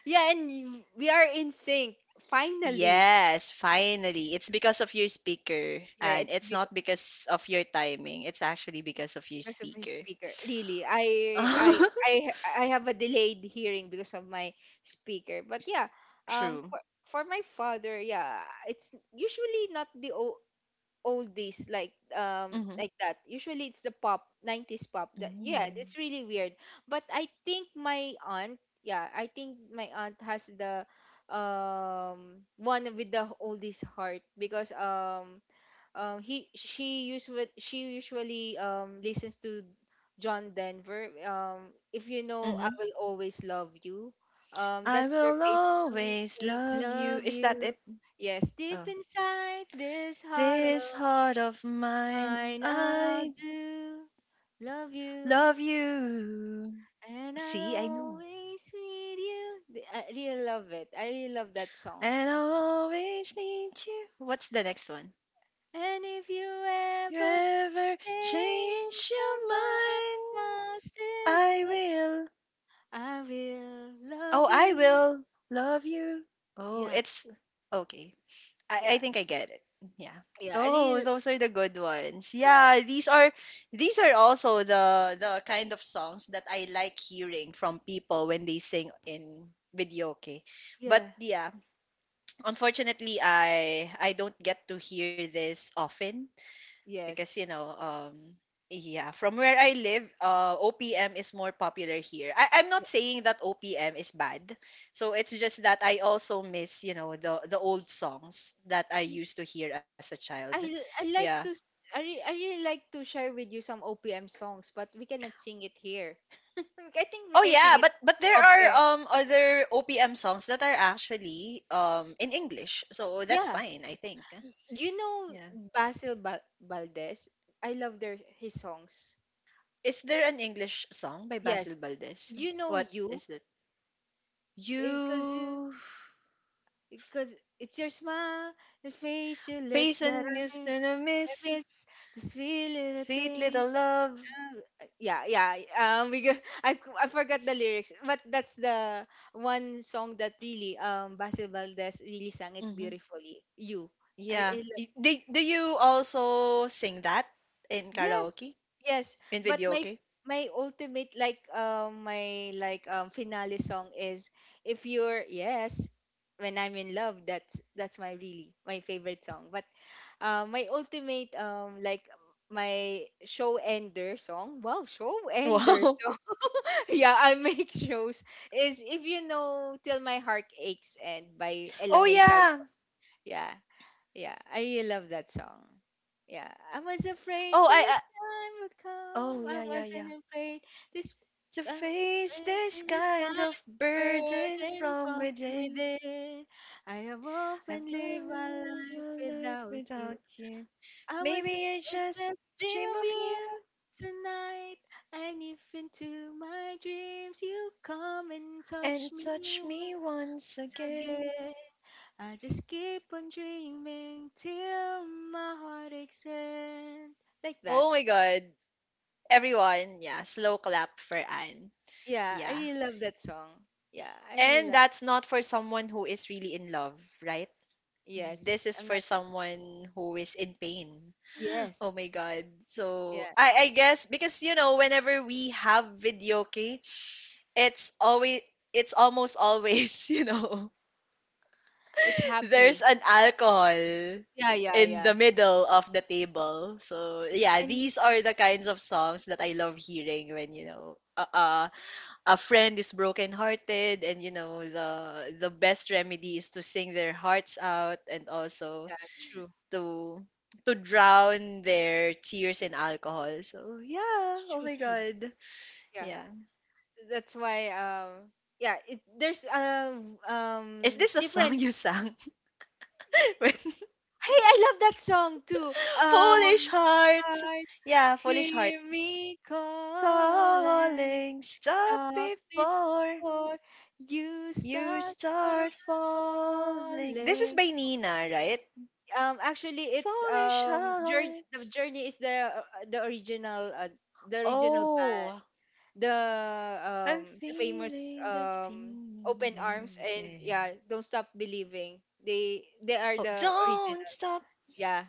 S2: Yeah, and we are in sync finally.
S1: Yes, finally. It's because of your speaker.
S2: Yeah,
S1: And it's not because of your timing. It's actually because of your
S2: because of my
S1: speaker.
S2: speaker. Really, I I have a delayed hearing because of my speaker. But yeah, um,
S1: True.
S2: for for my father, yeah, it's usually not the o oldies
S1: Mm-hmm.
S2: like that. Usually it's the pop, 90s pop. That yeah,
S1: Mm.
S2: it's really weird. But I think my aunt, yeah, I think my aunt has the one with the oldies heart because he she usually listens to John Denver. If you know I
S1: Mhm.
S2: Will Always Love You.
S1: I
S2: That's her
S1: will
S2: favorite
S1: always
S2: always
S1: love you.
S2: love
S1: Is that
S2: you.
S1: it?
S2: Yes, deep
S1: Oh.
S2: inside this heart
S1: This
S2: of
S1: heart of mine,
S2: mine I'll
S1: I
S2: do. Love you.
S1: love you.
S2: And
S1: See,
S2: I'll
S1: I know.
S2: always with you. I really love it. I really love that song.
S1: And I always need you. What's the next one?
S2: And if you
S1: You
S2: ever
S1: ever
S2: change
S1: change your
S2: your mind,
S1: mind?
S2: I'll
S1: I
S2: still
S1: will.
S2: I will
S1: Oh,
S2: love
S1: I
S2: you.
S1: will love you. Oh,
S2: Yeah,
S1: it's okay. I
S2: yeah,
S1: think I get it. Yeah.
S2: yeah.
S1: Oh, those are the good ones.
S2: Yeah,
S1: Yeah, these are also the kind of songs that I like hearing from people when they sing in videoke. But
S2: yeah,
S1: yeah, unfortunately I don't get to hear this often because
S2: yes.
S1: yeah, from where I live, OPM is more popular here. I'm not
S2: Yeah.
S1: saying that OPM is bad, so it's just that I also miss the old songs that I
S2: Y-
S1: used to hear as a child.
S2: I
S1: Yeah.
S2: like to, I really like to share with you some OPM songs, but we cannot sing it here. Look, I think we
S1: Oh
S2: can sing
S1: yeah,
S2: it
S1: but there
S2: off
S1: are
S2: air.
S1: other OPM songs that are actually in English, so that's
S2: Yeah.
S1: fine, I think.
S2: You know
S1: Yeah,
S2: Basil Valdez? I love their his songs.
S1: is there an English song by Basil
S2: Yes.
S1: Valdez?
S2: You know
S1: What
S2: you
S1: is it?
S2: because you
S1: You
S2: Because it's your smile, your face, your lips that
S1: Basin using a
S2: I
S1: miss.
S2: miss this wee little
S1: Sweet
S2: thing.
S1: Little Love.
S2: Yeah, yeah. I forgot the lyrics, but that's the one song that really Basil Valdez really sang it
S1: Hmm.
S2: beautifully. You,
S1: Yeah.
S2: I
S1: Y- Do, do you also sing that in
S2: Yes,
S1: karaoke?
S2: yes.
S1: In
S2: But
S1: video, okay?
S2: my ultimate like my like finale song is if you're yes when I'm in love, that's my really my favorite song. But my ultimate like my show ender song. Wow, show ender
S1: Wow.
S2: song. Yeah, I make shows is if you know Till My Heart Aches and by Ella
S1: Oh,
S2: May
S1: yeah.
S2: Saison. Yeah, yeah, I really love that song. Yeah, I was afraid
S1: Oh,
S2: this
S1: I
S2: time would come.
S1: Oh,
S2: I
S1: yeah, yeah, yeah.
S2: wasn't afraid this
S1: To face this
S2: this
S1: kind
S2: kind of
S1: of burden
S2: burden
S1: from
S2: from
S1: within,
S2: within. I have
S1: I've
S2: often lived my
S1: lived my
S2: life
S1: life
S2: without you.
S1: without you.
S2: I was
S1: Maybe I
S2: afraid
S1: just
S2: just dream
S1: dream
S2: of
S1: of
S2: you
S1: you
S2: tonight. And if into my dreams you come and touch
S1: and
S2: me
S1: touch me once
S2: once
S1: again.
S2: again. I just keep on dreaming till my heart aches and like that.
S1: Oh my God. Everyone, yeah, slow clap for Anne.
S2: Yeah, I
S1: Yeah.
S2: really love that song. Yeah, I really
S1: And
S2: love.
S1: that's not for someone who is really in love, right? This
S2: Yes,
S1: is
S2: I'm
S1: for
S2: not.
S1: someone who is in pain.
S2: Yes,
S1: Oh my god. So
S2: yeah,
S1: I guess because you know whenever we have video okay, it's always it's almost always, you know,
S2: it's
S1: there's
S2: happy.
S1: an alcohol
S2: Yeah, yeah,
S1: in
S2: yeah.
S1: the middle of the table. So yeah,
S2: And
S1: these are the kinds of songs that I love hearing when you know uh, uh a friend is brokenhearted, and you know the best remedy is to sing their hearts out, and also
S2: yeah, true,
S1: to to drown their tears in alcohol. So yeah, oh my
S2: true.
S1: god,
S2: Yeah,
S1: yeah.
S2: that's why. Yeah, it, there's
S1: Is this a song
S2: different.
S1: you sang when
S2: Hey, I love that song too.
S1: foolish Heart."
S2: Heart,
S1: Yeah, foolish heart
S2: hear me calling.
S1: calling, stop
S2: Stop
S1: before
S2: before you
S1: you
S2: start from
S1: start falling. This is
S2: falling.
S1: by Nina, right?
S2: Actually, it's
S1: Foolish
S2: journey.
S1: heart.
S2: The journey is the original uh, the original band,
S1: Oh,
S2: the
S1: I'm
S2: the famous
S1: feeling that
S2: Open
S1: feeling
S2: Arms and
S1: again.
S2: yeah, Don't Stop Believing. They are
S1: Oh,
S2: the
S1: don't
S2: original.
S1: stop
S2: Yeah,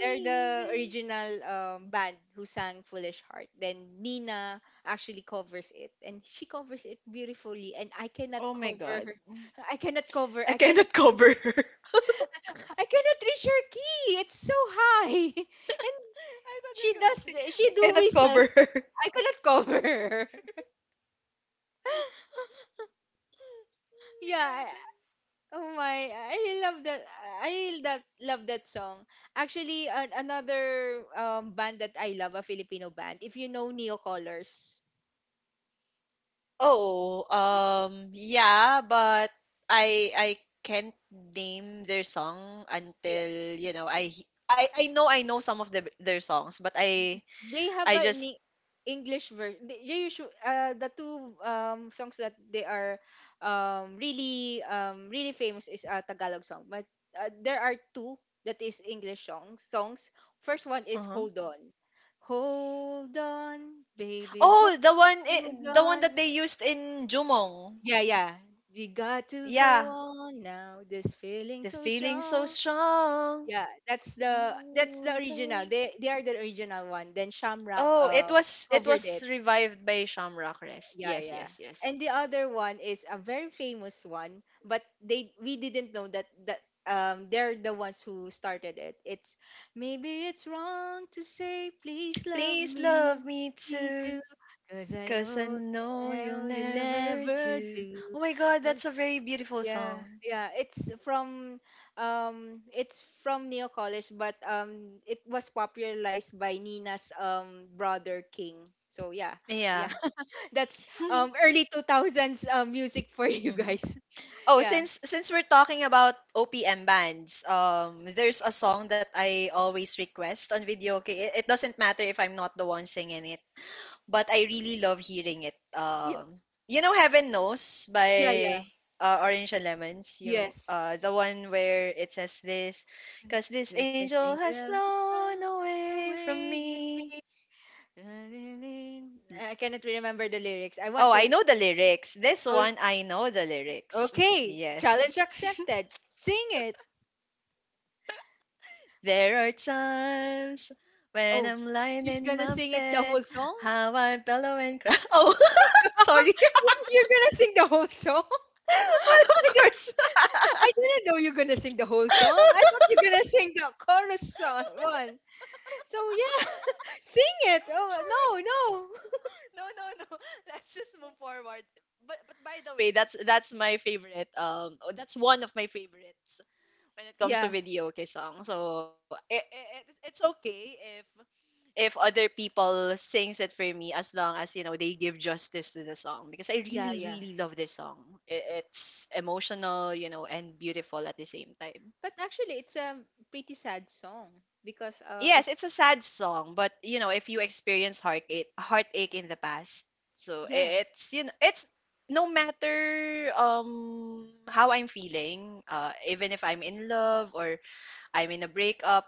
S2: they're the original band who sang Foolish Heart. Then Nina actually covers it, and she covers it beautifully. And I cannot
S1: Oh my
S2: cover
S1: god.
S2: her. I cannot cover.
S1: I
S2: I cannot.
S1: cannot cover her. I
S2: I cannot reach her key. It's so high, and
S1: thought you
S2: she
S1: were going to say,
S2: does. She
S1: I
S2: do
S1: cannot cover
S2: whistles.
S1: her.
S2: I cannot cover her.
S1: Oh
S2: Yeah.
S1: my god.
S2: Oh my! I really love that. I really that love that song. Actually, another band that I love, a Filipino band. If you know Neo Colors,
S1: Oh, yeah, but I can't name their song
S2: yeah,
S1: until, you know, I know I know some of the, their songs, but I
S2: they have
S1: I just
S2: an English version. They usually the two songs that they are really famous is a Tagalog song, but there are two that is English songs. First one is
S1: uh
S2: Hold On. Hold on, baby,
S1: Oh, the one
S2: hold
S1: I- the one
S2: on.
S1: that they used in Jumong.
S2: Yeah, yeah. We got to go
S1: Yeah.
S2: on now. This feeling
S1: The
S2: so
S1: feeling so
S2: strong.
S1: strong.
S2: Yeah, that's the
S1: Hold
S2: original.
S1: on.
S2: They are the original one. Then Shamrock
S1: Oh, it
S2: covered
S1: was
S2: it.
S1: revived by Shamrock Rest.
S2: Yeah,
S1: Yes,
S2: yeah.
S1: yes, yes.
S2: And the other one is a very famous one, but they we didn't know that they're the ones who started it. It's maybe it's wrong to say please love
S1: Please love
S2: me,
S1: me
S2: me
S1: too,
S2: too, 'cause I
S1: 'cause I
S2: know
S1: know you'll
S2: now you
S1: never
S2: never
S1: do.
S2: do.
S1: Oh my god,
S2: Uh,
S1: that's a very beautiful
S2: Yeah,
S1: song.
S2: yeah. It's from Neo College, but it was popularized by Nina's brother King. So yeah, yeah.
S1: Yeah.
S2: That's early 2000s music for you
S1: Mhm.
S2: guys.
S1: Oh,
S2: Yeah.
S1: since we're talking about OPM bands, there's a song that I always request on video. Okay, it doesn't matter if I'm not the one singing it, but I really love hearing it.
S2: Y-
S1: You know, Heaven Knows
S2: Yeah, yeah.
S1: by Orange and Lemons. You,
S2: Yes.
S1: the one where it says this, 'cause this
S2: This is
S1: angel has
S2: angel.
S1: flown
S2: The
S1: away from
S2: way you
S1: me.
S2: make I cannot remember the lyrics. I
S1: Oh,
S2: want
S1: I
S2: to
S1: know the lyrics. This
S2: Oh,
S1: one, I know the lyrics.
S2: okay.
S1: Yes.
S2: Challenge accepted. Sing it.
S1: There are times when
S2: Oh,
S1: I'm lying
S2: she's
S1: in
S2: gonna
S1: my
S2: sing it the
S1: bed,
S2: whole song?
S1: how I bellow and cry. Oh, sorry.
S2: You're gonna sing the whole song?
S1: Well, of course.
S2: I didn't know you're gonna sing the whole song. I thought you're gonna sing the chorus one. So yeah, sing it. Oh
S1: Sorry.
S2: no, no.
S1: No, no, no. Let's just move forward. But by the way, that's my favorite. Oh, that's one of my favorites when it comes to
S2: Yeah,
S1: video okay song. So it, it's okay if other people sings it for me, as long as you know they give justice to the song, because I
S2: yeah,
S1: really
S2: yeah.
S1: really love this song. I- It's emotional, you know, and beautiful at the same time.
S2: But actually, it's a pretty sad song because
S1: Yes, it's a
S2: it's
S1: sad song, but you know, if you experience heartache in the past, so
S2: yeah,
S1: I- it's you know, it's no matter how I'm feeling, even if I'm in love or I'm in a breakup.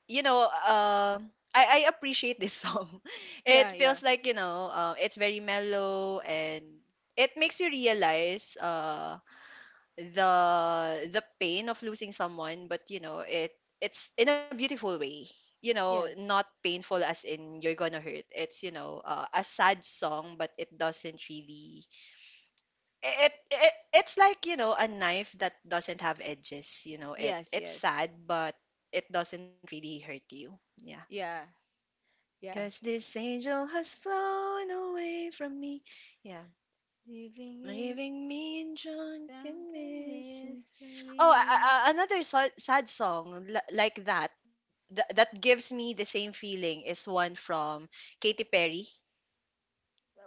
S1: You know, I appreciate this song. It
S2: yeah, yeah,
S1: feels like, you know, it's very mellow, and it makes you realize the pain of losing someone, but you know, it it's in a beautiful way. You know,
S2: yes,
S1: not painful as in you're gonna hurt. It's, you know, a sad song, but it doesn't really it, it it's like you know a knife that doesn't have edges. You know, it
S2: yes,
S1: it's
S2: yes,
S1: sad, but it doesn't really hurt you. Yeah.
S2: yeah,
S1: Because
S2: yes.
S1: this angel has flown away from me, yeah,
S2: Leaving it
S1: leaving me in drunk and
S2: drunk in
S1: missing. Oh,
S2: misery.
S1: a- another so- sad song li- like that th- that gives me the same feeling is one from Katy Perry.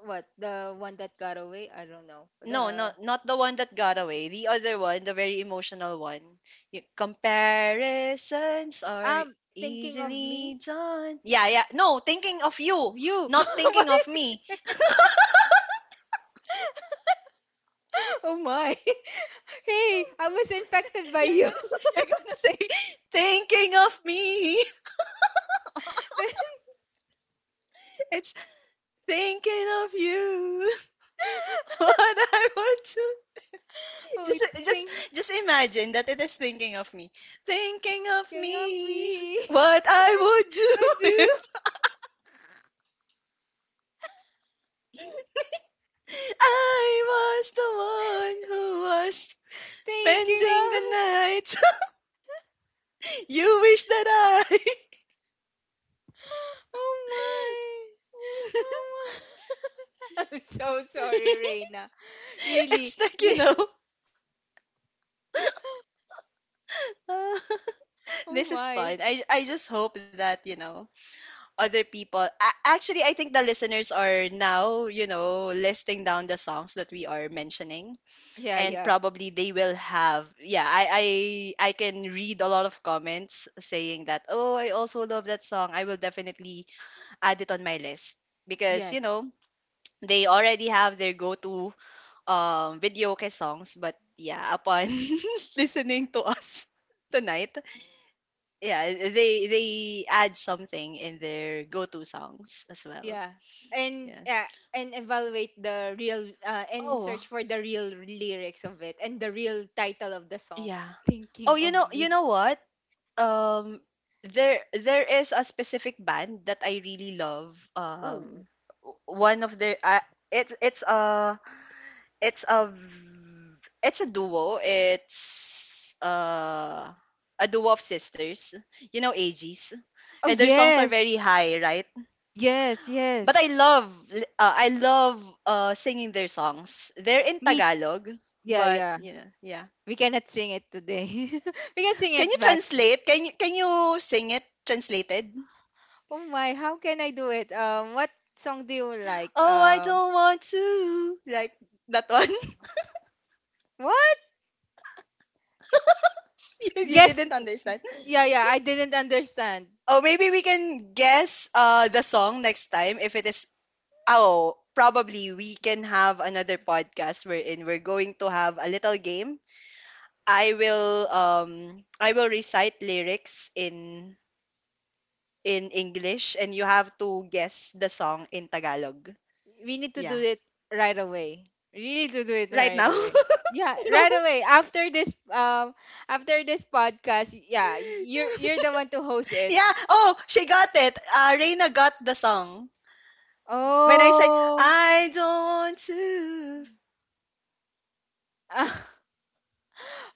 S2: What, the one that got away? I don't know.
S1: No,
S2: The
S1: not the one that got away. The other one, the very emotional one. You, comparisons are
S2: um, thinking of
S1: easily
S2: me,
S1: done. Yeah, yeah. No, thinking of you,
S2: you.
S1: not thinking of me.
S2: Oh my! Hey, I was infected by
S1: You're
S2: you.
S1: gonna you're gonna say, thinking of me. It's thinking of you. What I want to
S2: Oh,
S1: just
S2: it's thinking
S1: just just imagine that it is thinking of me. Thinking of
S2: of
S1: me.
S2: me.
S1: What I would
S2: I
S1: do
S2: do.
S1: if I was the one who was
S2: Thinking
S1: spending the
S2: of.
S1: night. You wish that I.
S2: Oh my. Oh my. I'm so sorry, Reina. Really.
S1: It's like, you know, uh,
S2: Oh
S1: this is fun.
S2: my.
S1: I just hope that, you know, other people. A- Actually, I think the listeners are now, you know, listing down the songs that we are mentioning.
S2: Yeah,
S1: And
S2: yeah.
S1: probably they will have. Yeah, I can read a lot of comments saying that, oh, I also love that song. I will definitely add it on my list because you
S2: Yes.
S1: know they already have their go-to video songs. But yeah, upon listening to us tonight, yeah, they add something in their go-to songs as well.
S2: Yeah. And
S1: Yeah,
S2: yeah. And evaluate the real and
S1: oh
S2: search for the real lyrics of it and the real title of the song.
S1: yeah. Oh,
S2: Thinking
S1: you
S2: of
S1: know,
S2: me.
S1: what, um, there is a specific band that I really love,
S2: Oh.
S1: um, w- one of their it's it's a It's a v it's a duo. It's, a duo of sisters, you know, AGs,
S2: Oh
S1: and their songs are
S2: yes.
S1: very high, right?
S2: Yes.
S1: But I
S2: Yes.
S1: love li I love, singing their songs. They're in
S2: Me.
S1: Tagalog,
S2: Yeah.
S1: but
S2: Yeah.
S1: yeah, yeah.
S2: We cannot sing it today. We can sing
S1: Can you
S2: it back.
S1: translate? Can you sing it translated?
S2: Oh my, how can I do it? What song do you like?
S1: Oh, I don't want to, like that one.
S2: What?
S1: You
S2: Guess.
S1: didn't understand.
S2: Yeah, I didn't understand.
S1: Oh, maybe we can guess, the song next time if it is Oh, probably we can have another podcast wherein we're going to have a little game. I will recite lyrics in English, and you have to guess the song in Tagalog.
S2: We need to do
S1: Yeah.
S2: it right away. Really to do it
S1: Right
S2: right
S1: now?
S2: away. Yeah,
S1: No.
S2: right away. After this podcast, yeah, you're the one to host it.
S1: Yeah. Oh, she got it. Reina got the song. When I say
S2: Oh.
S1: I don't want to.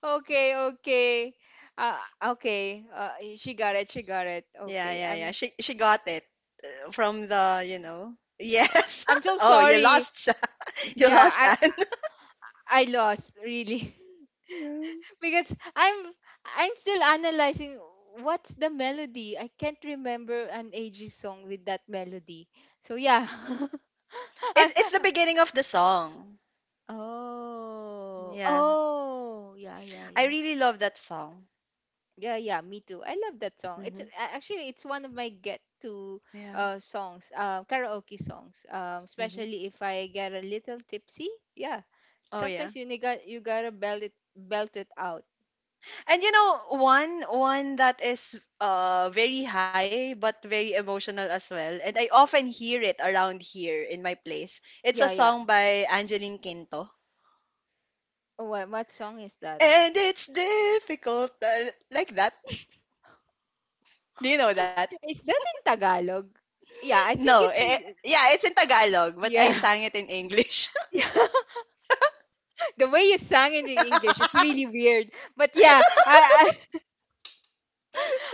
S2: Okay, okay. Uh, okay. She got it. She got it.
S1: Yeah,
S2: Okay.
S1: yeah, yeah. She got it from the, you know. Yes.
S2: I'm so
S1: Oh, you
S2: sorry.
S1: lost. You
S2: Yeah,
S1: lost, Anne.
S2: I lost really.
S1: Yeah.
S2: Because I'm still analyzing what's the melody. I can't remember an AG song with that melody. So yeah. I,
S1: It, it's the beginning of the song.
S2: oh.
S1: Yeah.
S2: Oh. Yeah, yeah,
S1: I
S2: yeah.
S1: really love that song.
S2: Yeah, yeah, me too. I love that song.
S1: Hmm.
S2: Actually it's one of my get to
S1: Yeah.
S2: songs, karaoke songs.
S1: Hmm.
S2: Especially if I get a little tipsy. Yeah.
S1: Oh yeah.
S2: Sometimes you nigga you gotta belt it out.
S1: And you know one that is very high but very emotional as well. And I often hear it around here in my place. It's a
S2: Yeah, yeah.
S1: song by Angeline Quinto.
S2: Oh, what song is that?
S1: And it's difficult like that. Do you know that?
S2: Is that in Tagalog? Yeah, I
S1: No.
S2: think
S1: Eh,
S2: it's
S1: eh, yeah, it's in Tagalog, but I
S2: yeah.
S1: sang it in English.
S2: Yeah, the way you sang it in English is really weird. But yeah,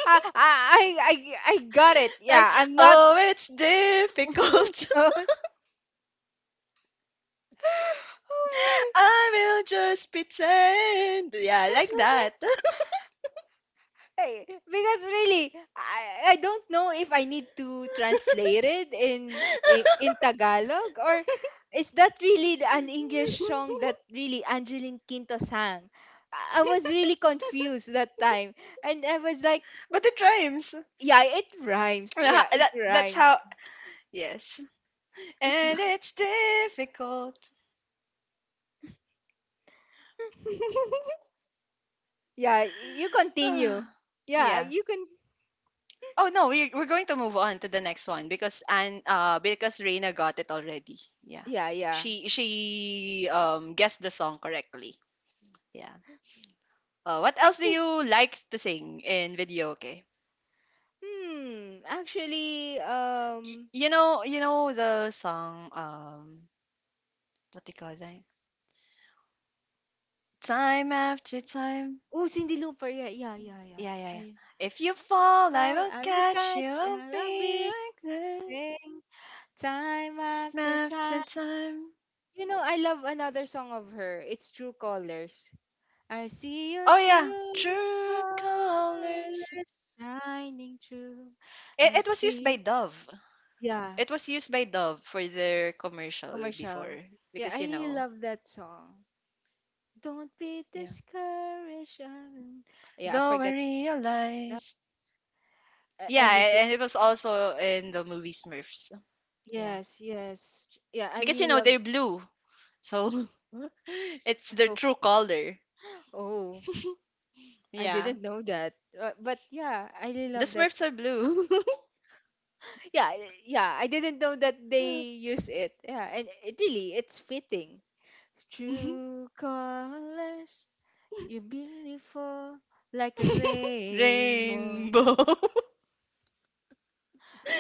S2: I I I, I got it.
S1: Like,
S2: Yeah, I'm not.
S1: oh, it's difficult.
S2: Oh my.
S1: I will just pretend. Yeah, like that.
S2: Hey, because really I don't know if I need to translate it in Tagalog or is that really an English song that really Angeline Quinto sang? I was really confused that time. And I was like,
S1: But it rhymes.
S2: yeah, it rhymes.
S1: Yeah,
S2: Yeah,
S1: that,
S2: it
S1: that's how.
S2: rhymes.
S1: Yes.
S2: It
S1: And
S2: rhy-
S1: it's difficult.
S2: Yeah, you continue.
S1: Ah,
S2: Yeah,
S1: yeah.
S2: you can.
S1: Oh no, we're going to move on to the next one because and because Reina got it already. Yeah.
S2: Yeah, yeah.
S1: She guessed the song correctly. Yeah. What
S2: I
S1: else do
S2: think
S1: you like to sing in video?
S2: actually
S1: Y-
S2: um
S1: you know, the song, what do you call that? Time after time.
S2: oh Cindy Looper. Yeah, yeah, yeah, yeah.
S1: Yeah, yeah, yeah.
S2: I
S1: If you fall, I
S2: fall
S1: will
S2: I will
S1: catch you.
S2: catch
S1: I'll
S2: a
S1: be
S2: big
S1: like this time
S2: thing time after
S1: after
S2: time.
S1: time.
S2: You know, I love another song of her. It's True Colors. I see your
S1: Oh yeah,
S2: true
S1: true colors.
S2: colors shining through.
S1: It,
S2: I
S1: it was used by
S2: see
S1: Dove.
S2: yeah
S1: It was used by Dove for their commercial
S2: commercial.
S1: before
S2: Yeah,
S1: because
S2: I
S1: you
S2: really
S1: know,
S2: love that song. Don't be
S1: yeah.
S2: discouraged. Um, yeah, I
S1: Though I
S2: forget. Uh,
S1: realize,
S2: I
S1: yeah,
S2: need to.
S1: a- and it was also in the movie Smurfs. Yeah.
S2: Yes, yes. Yeah, I
S1: Because you
S2: really
S1: know
S2: love.
S1: they're blue. So it's their
S2: So,
S1: true color.
S2: oh, I
S1: Yeah.
S2: didn't know that. But yeah, I really
S1: The
S2: love that.
S1: Smurfs
S2: s-
S1: are blue.
S2: Yeah, yeah. I didn't know that they use it. Yeah, and it really, it's fitting. True colors, you're beautiful like a rainbow.
S1: Rainbow.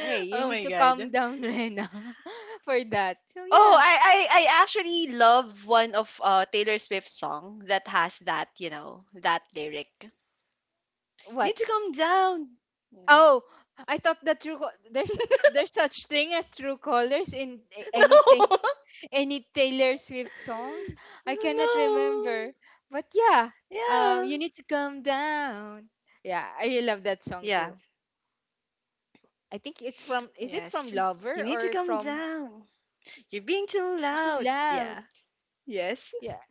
S2: Hey, you
S1: Oh
S2: need
S1: my
S2: to calm
S1: god.
S2: down, Rena, for that. So
S1: Oh,
S2: yeah,
S1: I actually love one of Taylor Swift's song that has that, you know, that lyric. Need
S2: what?
S1: to come down.
S2: Oh, I thought that there's such thing as true colors in any
S1: No.
S2: any Taylor Swift songs. I cannot
S1: No.
S2: remember, but yeah,
S1: Yeah.
S2: you need to calm down. Yeah, I really love that song
S1: Yeah.
S2: too. I think it's from is it from
S1: Yes. You
S2: Lover
S1: need to
S2: or
S1: come
S2: from
S1: down. You're being too
S2: You're So
S1: loud.
S2: Loud?
S1: Yeah. Yes.
S2: Yeah,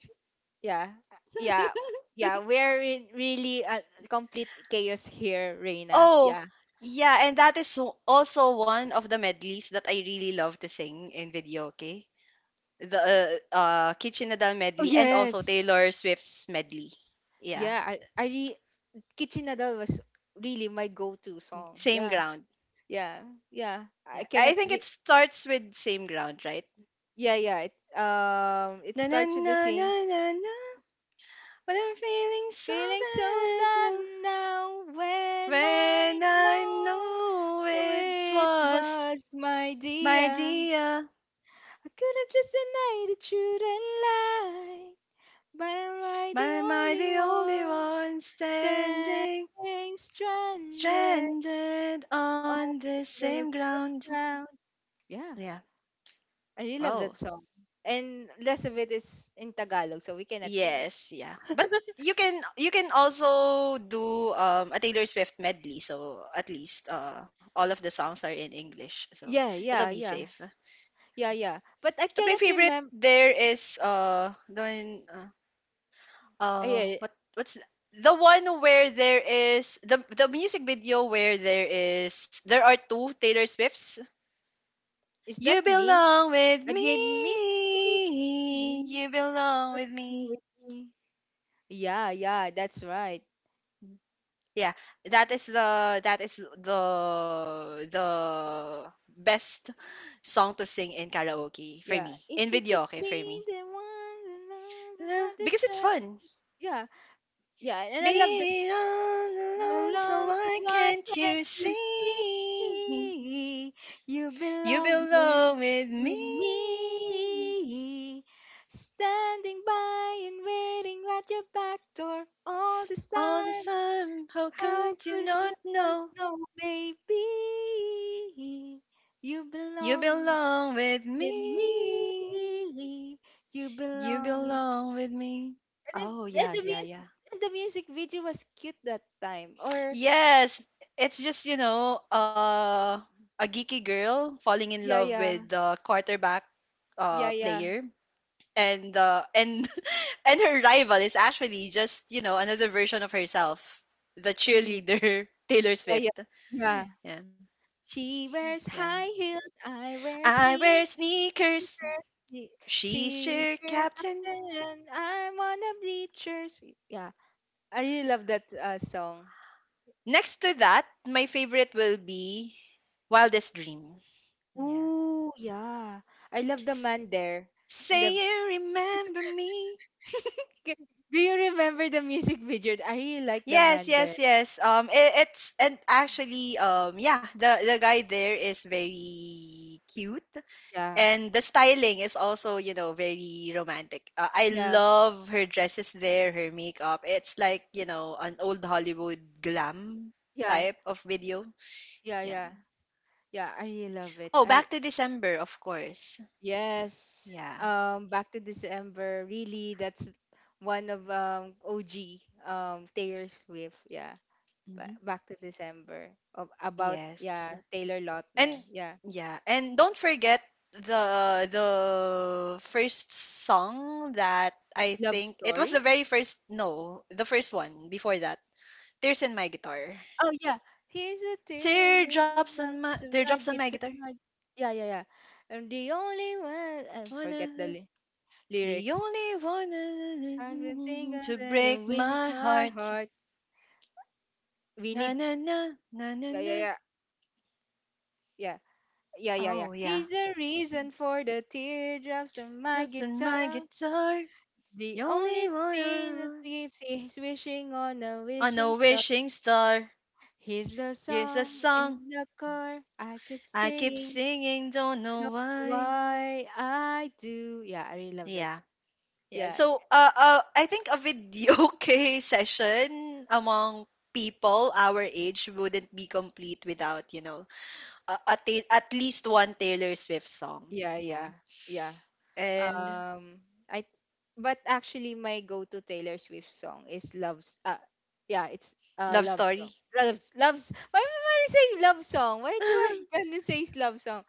S2: yeah, yeah, yeah. We're in really complete chaos here, Reina.
S1: Oh,
S2: Yeah,
S1: yeah, and that is so- also one of the medleys that I really love to sing in video, okay? The Kitchen Nadal
S2: oh
S1: medley, and also
S2: yes.
S1: Taylor Swift's medley. Yeah,
S2: Yeah, Kitchen Nadal was really my go-to song.
S1: same
S2: Yeah.
S1: ground.
S2: Yeah. Yeah.
S1: Yeah,
S2: I
S1: I
S2: cannot
S1: think it
S2: see.
S1: starts with same ground, right?
S2: Yeah, yeah. Um it
S1: Na na
S2: starts with the
S1: na na
S2: same
S1: na na. When I'm feeling so
S2: feeling so
S1: bad
S2: bad
S1: now,
S2: now
S1: when
S2: when I
S1: I know
S2: know
S1: it
S2: it
S1: was
S2: was my
S1: my
S2: dear.
S1: dear.
S2: I could have just denied it, shouldn't lie. But am I
S1: But
S2: the
S1: Am I
S2: only
S1: the only
S2: one
S1: one standing,
S2: standing stranded?
S1: stranded on
S2: Oh,
S1: the same
S2: the same
S1: ground?
S2: ground. Yeah.
S1: Yeah.
S2: I really love
S1: Oh,
S2: that song. And rest of it is in Tagalog, so we cannot sing it.
S1: yes, yeah. But you can also do a Taylor Swift medley, so at least all of the songs are in English, so
S2: Yeah,
S1: it'll
S2: yeah,
S1: be
S2: yeah.
S1: safe.
S2: Yeah, yeah. But I
S1: But my
S2: cannot
S1: favorite
S2: remember.
S1: there is the one, uh
S2: Yeah,
S1: what what's th- the one where there is the music video where there is there are two Taylor Swifts
S2: is
S1: You
S2: that me?
S1: belong with me.
S2: Again, me? Me,
S1: You belong with me.
S2: me, me. Yeah, yeah, that's right.
S1: Yeah, that is the the best song to sing in karaoke for
S2: Yeah.
S1: me. In
S2: If you could
S1: video, okay, for
S2: see
S1: me.
S2: the one another
S1: Because it's
S2: side.
S1: fun.
S2: Yeah, yeah. And I love this.
S1: Be all alone, so
S2: Belong, so
S1: why
S2: why
S1: can't
S2: can't
S1: you
S2: you see?
S1: see?
S2: You
S1: You
S2: belong
S1: belong with me.
S2: with me. Standing by and waiting at your back door all this
S1: All the
S2: time.
S1: time, how
S2: How
S1: could you
S2: could you
S1: not
S2: not
S1: know?
S2: know, baby? You
S1: You
S2: belong
S1: belong with
S2: with
S1: me.
S2: me. You
S1: You
S2: belong with.
S1: belong with me.
S2: And then
S1: Oh, yes, yeah, yeah.
S2: and the music video was cute that time. Or
S1: Yes, it's just, a geeky girl falling in
S2: yeah,
S1: love with
S2: yeah.
S1: the quarterback
S2: Yeah, yeah.
S1: player. And and her rival is actually just, you know, another version of herself, the
S2: Mm,
S1: cheerleader Taylor
S2: yeah, yeah.
S1: Swift.
S2: Yeah.
S1: Yeah,
S2: She wears
S1: yeah.
S2: high heels, I wear
S1: I wear
S2: sneakers.
S1: sneakers.
S2: She
S1: She's
S2: she
S1: cheer
S2: cheers up
S1: captain.
S2: there and I'm on the bleachers. Yeah. I really love that song.
S1: Next to that, my favorite will be Wildest Dream. Yeah.
S2: Ooh, yeah. I love the
S1: S-
S2: man there. In
S1: Say
S2: the
S1: you remember me.
S2: K- Do you remember the music video? I really like the
S1: Yes,
S2: man there.
S1: yes, yes. It, it's and actually, yeah, the guy there is very cute,
S2: Yeah.
S1: and the styling is also, you know, very romantic. I
S2: Yeah.
S1: love her dresses there, her makeup. It's like, you know, an old Hollywood glam
S2: Yeah.
S1: type of video.
S2: Yeah,
S1: Yeah.
S2: yeah. Yeah, I really love
S1: Oh,
S2: it.
S1: back
S2: I
S1: to December, of course.
S2: yes.
S1: Yeah.
S2: Back to December. Really, that's one of OG Taylor Swift. Yeah.
S1: Mm-hmm.
S2: Back to December. Of about
S1: Yes.
S2: yeah Taylor Lautner.
S1: And
S2: Yeah.
S1: yeah, and don't forget the first song that I
S2: Love
S1: think it was the
S2: story.
S1: very first no, the first one before that. Tears in my guitar.
S2: Oh yeah. Here's a tear. Love to
S1: Teardrops
S2: I
S1: on my
S2: get
S1: guitar.
S2: to hug. Yeah yeah yeah. I'm the only one. I forget the
S1: Wanna
S2: ly-
S1: The
S2: Lyrics.
S1: only
S2: I've been
S1: one
S2: thinking
S1: to
S2: and
S1: break
S2: wishing
S1: my
S2: my
S1: heart.
S2: heart. We
S1: Na
S2: need.
S1: na na na na
S2: Yeah yeah
S1: na.
S2: yeah. Yeah. Yeah, yeah,
S1: Oh
S2: yeah.
S1: yeah.
S2: He's the reason for the teardrops on my
S1: Drops on my
S2: guitar.
S1: guitar. The
S2: The
S1: only
S2: only thing that
S1: one.
S2: keeps is wishing on a
S1: On
S2: wishing
S1: a
S2: star.
S1: wishing star.
S2: He's the
S1: Here's a
S2: song
S1: song
S2: in the car I keep
S1: I keep
S2: singing.
S1: singing, don't
S2: I
S1: know
S2: don't know
S1: why.
S2: why I do. Yeah, I really love that.
S1: Yeah. Yeah.
S2: Yeah,
S1: So I think a videoke session among people our age wouldn't be complete without, you know, at least one Taylor Swift song.
S2: yeah,
S1: Yeah.
S2: yeah, yeah.
S1: And
S2: Um, I but actually my go-to Taylor Swift song is Love's. Yeah, it's
S1: Love
S2: love
S1: Story.
S2: song. Love's love's. Why am I saying love song? Why do I gonna say love song?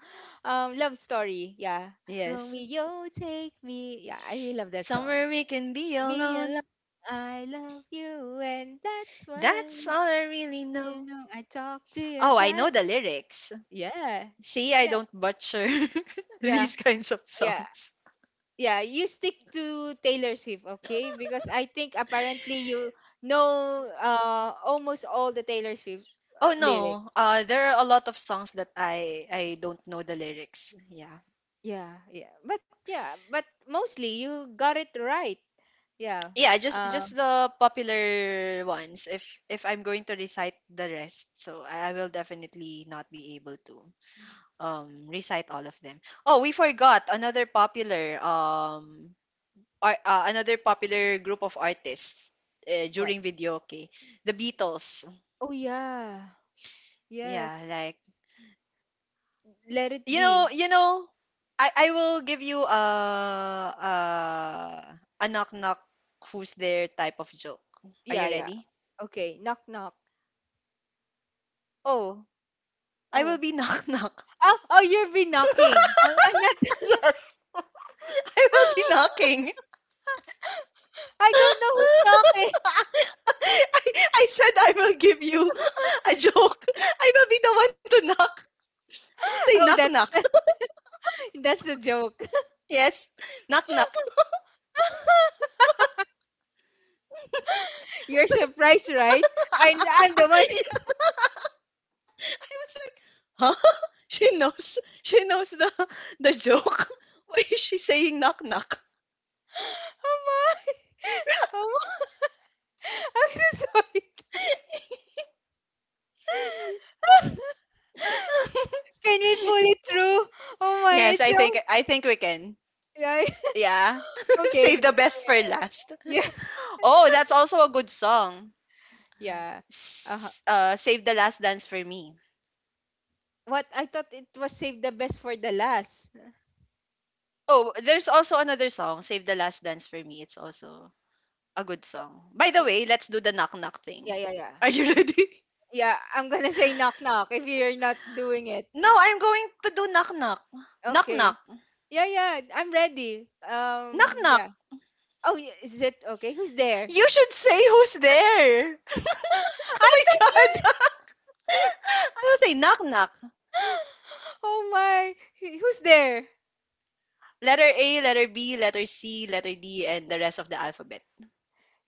S2: Love story. Yeah,
S1: Yes.
S2: Romeo, take me. Yeah, I really love that song.
S1: Somewhere we can be
S2: Be alone.
S1: alone.
S2: I love you, and that's why
S1: That's all I really
S2: you
S1: know.
S2: know I talk to your
S1: Oh, I
S2: dad.
S1: know the lyrics.
S2: Yeah,
S1: See, I
S2: yeah,
S1: don't butcher
S2: yeah,
S1: these kinds of
S2: yeah.
S1: songs.
S2: Yeah, you stick to Taylor Swift, okay? Because I think apparently you know almost all the Taylor Swift
S1: Oh
S2: lyrics.
S1: no, there are a lot of songs that I don't know the lyrics. Yeah,
S2: Yeah, yeah. But yeah, but mostly you got it right. Yeah.
S1: yeah, just
S2: Um
S1: just the popular ones. If I'm going to recite the rest, so I will definitely not be able to recite all of them. Oh, we forgot another popular group of artists
S2: what?
S1: during video. Okay, the Beatles.
S2: Oh yeah.
S1: Yeah,
S2: Yes.
S1: like
S2: Let it
S1: You know,
S2: be.
S1: you know, I I will give you a knock knock who's there type of joke. Are
S2: Yeah,
S1: you
S2: yeah.
S1: ready?
S2: Okay, knock knock.
S1: Oh, I will
S2: Oh.
S1: be knock knock.
S2: Oh, oh you've been knocking. Oh, I'm not.
S1: Yes. I will be knocking.
S2: I don't know who's knocking.
S1: I, I said I will give you a joke. I will be the one to knock. I will say knock
S2: Oh, that's
S1: knock.
S2: that's a joke.
S1: Yes. Knock knock.
S2: You're surprised, right? I'm the one.
S1: I was like, huh? She knows she knows the joke. Why is she saying knock knock?
S2: Oh my. Oh my. I'm so sorry. Can we pull it through? Oh my,
S1: Yes,
S2: it's
S1: I think
S2: so.
S1: I think we can.
S2: Yeah.
S1: Yeah.
S2: Okay.
S1: Save the best for last.
S2: Yes.
S1: Oh, that's also a good song.
S2: Yeah. Uh-huh.
S1: Save the Last Dance for Me.
S2: What? I thought it was save the best for the last.
S1: Oh, there's also another song, Save the Last Dance for Me. It's also a good song. By the way, let's do the knock knock
S2: Yeah,
S1: thing.
S2: yeah, yeah.
S1: Are you ready?
S2: Yeah, I'm gonna say knock knock if you're not doing it.
S1: No, I'm going to do knock knock. Knock
S2: Okay.
S1: knock.
S2: Yeah, yeah, I'm ready.
S1: Knock knock.
S2: Yeah. Oh, is it okay? Who's there?
S1: You should say who's there. Oh
S2: I
S1: my
S2: thought you.
S1: God. I will say knock knock.
S2: Oh my, who's there?
S1: Letter A, letter B, letter C, letter D, and the rest of the alphabet.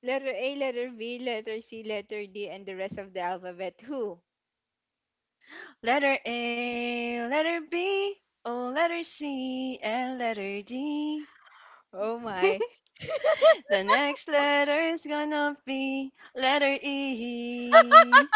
S2: Letter A, letter B, letter C, letter D, and the rest of the alphabet. Who?
S1: Letter A, letter B, oh, letter C, and letter D.
S2: Oh my.
S1: The next letter is gonna be letter E.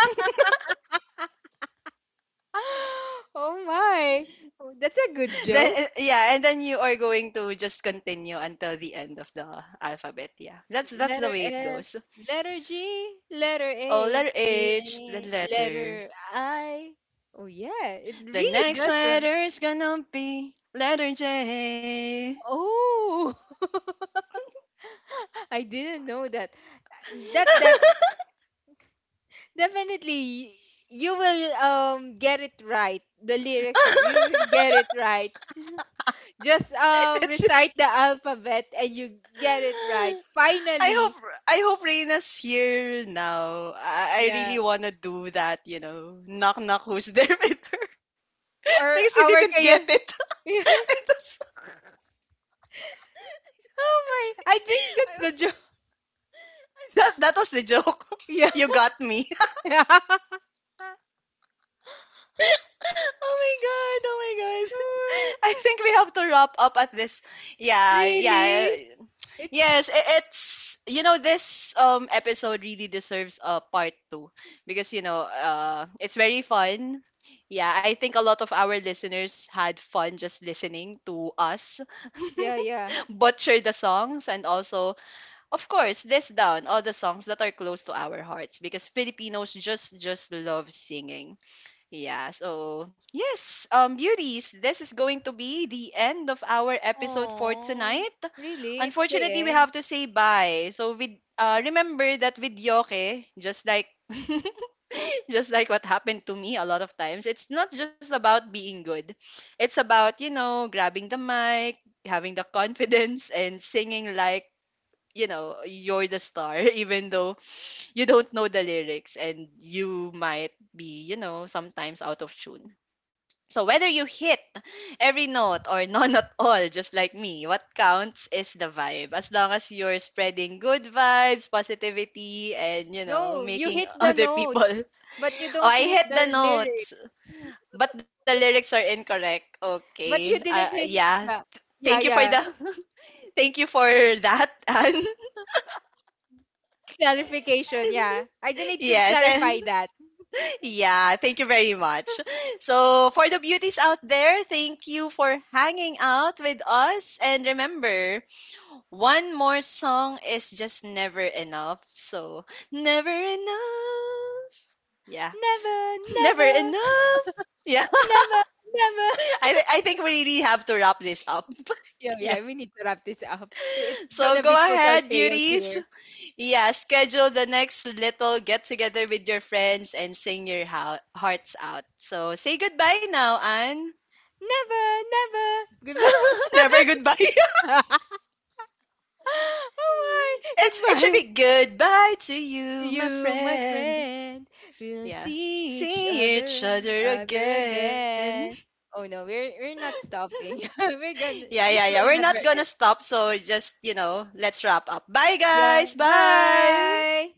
S2: Oh my. Oh, that's a good
S1: Then,
S2: joke.
S1: yeah, and then you are going to just continue until the end of the alphabet. Yeah, that's the
S2: Letter
S1: way it
S2: F,
S1: goes.
S2: letter G, letter
S1: Oh,
S2: H,
S1: letter
S2: and
S1: H, the letter.
S2: letter I. Oh yeah, it
S1: The
S2: really
S1: next
S2: does run.
S1: letter's gonna be letter J.
S2: Oh, I didn't know that. That definitely, you will get it right. The lyrics, you will get it right. Just
S1: It's
S2: recite
S1: just.
S2: the alphabet and you get it right.
S1: I
S2: Finally,
S1: hope I hope Reina's here now. I
S2: yeah.
S1: really wanna do that, you know. Knock knock who's there with her. Because you
S2: Or
S1: didn't
S2: our
S1: get
S2: kaya.
S1: it. It was, I
S2: Oh
S1: was
S2: my! I think
S1: like. I
S2: that's
S1: was.
S2: the joke.
S1: That was the joke.
S2: Yeah.
S1: You got me. Oh my god, oh my god.
S2: Oh
S1: I
S2: my.
S1: think we have to wrap up at this. Yeah, yeah.
S2: Really? It's
S1: Yes, it's, you know, this episode really deserves a part 2 because, you know, it's very fun. Yeah, I think a lot of our listeners had fun just listening to us
S2: yeah, yeah.
S1: butcher the songs and also, of course, list down all the songs that are close to our hearts because Filipinos just love singing. Yeah, so yes, beauties, this is going to be the end of our episode for
S2: Oh,
S1: tonight.
S2: really? It's the
S1: Unfortunately, we
S2: end.
S1: have to say bye. So with remember that with Yoke, just like just like what happened to me a lot of times, it's not just about being good. It's about, you know, grabbing the mic, having the confidence and singing like, you know, you're the star, even though you don't know the lyrics and you might be, you know, sometimes out of tune. So whether you hit every note or none at all, just like me, what counts is the vibe. As long as you're spreading good vibes,
S2: No, you
S1: positivity,
S2: hit the
S1: and, you
S2: note,
S1: know, making
S2: but
S1: other
S2: you don't
S1: people.
S2: hit the
S1: Oh, I
S2: lyrics.
S1: hit the notes, but the lyrics are incorrect.
S2: But you didn't
S1: Okay,
S2: hint. Yeah.
S1: yeah.
S2: Yeah, yeah.
S1: Thank you for the, thank you for that, and,
S2: Clarification,
S1: and
S2: yeah. I just need to
S1: yes,
S2: clarify
S1: and
S2: that.
S1: yeah, thank you very much. So, for the beauties out there, thank you for hanging out with us. And remember, one more song is just never enough. So, never enough. Yeah.
S2: Never,
S1: Never
S2: never,
S1: enough. Yeah.
S2: never, never.
S1: I, I think we really have to wrap this up.
S2: Yeah,
S1: Yeah.
S2: yeah, we need to wrap this up. It's
S1: So,
S2: gonna
S1: go
S2: be total
S1: ahead,
S2: chaos
S1: beauties.
S2: here.
S1: Yeah. Schedule the next little get together with your friends and sing your hearts out. So, say goodbye now, Anne.
S2: Never, never. Goodbye.
S1: Never goodbye.
S2: Oh my,
S1: It's it should be
S2: goodbye.
S1: goodbye to you, my
S2: You, my
S1: friend.
S2: friend, we'll
S1: Yeah.
S2: see each
S1: See each
S2: other,
S1: other
S2: other
S1: again.
S2: again. Oh no, we're not stopping. We're
S1: Yeah,
S2: gonna.
S1: yeah, yeah.
S2: This
S1: We're
S2: will
S1: not
S2: never
S1: gonna stop, so just, you know, let's wrap up. Bye, guys.
S2: yeah.
S1: Bye.
S2: Bye.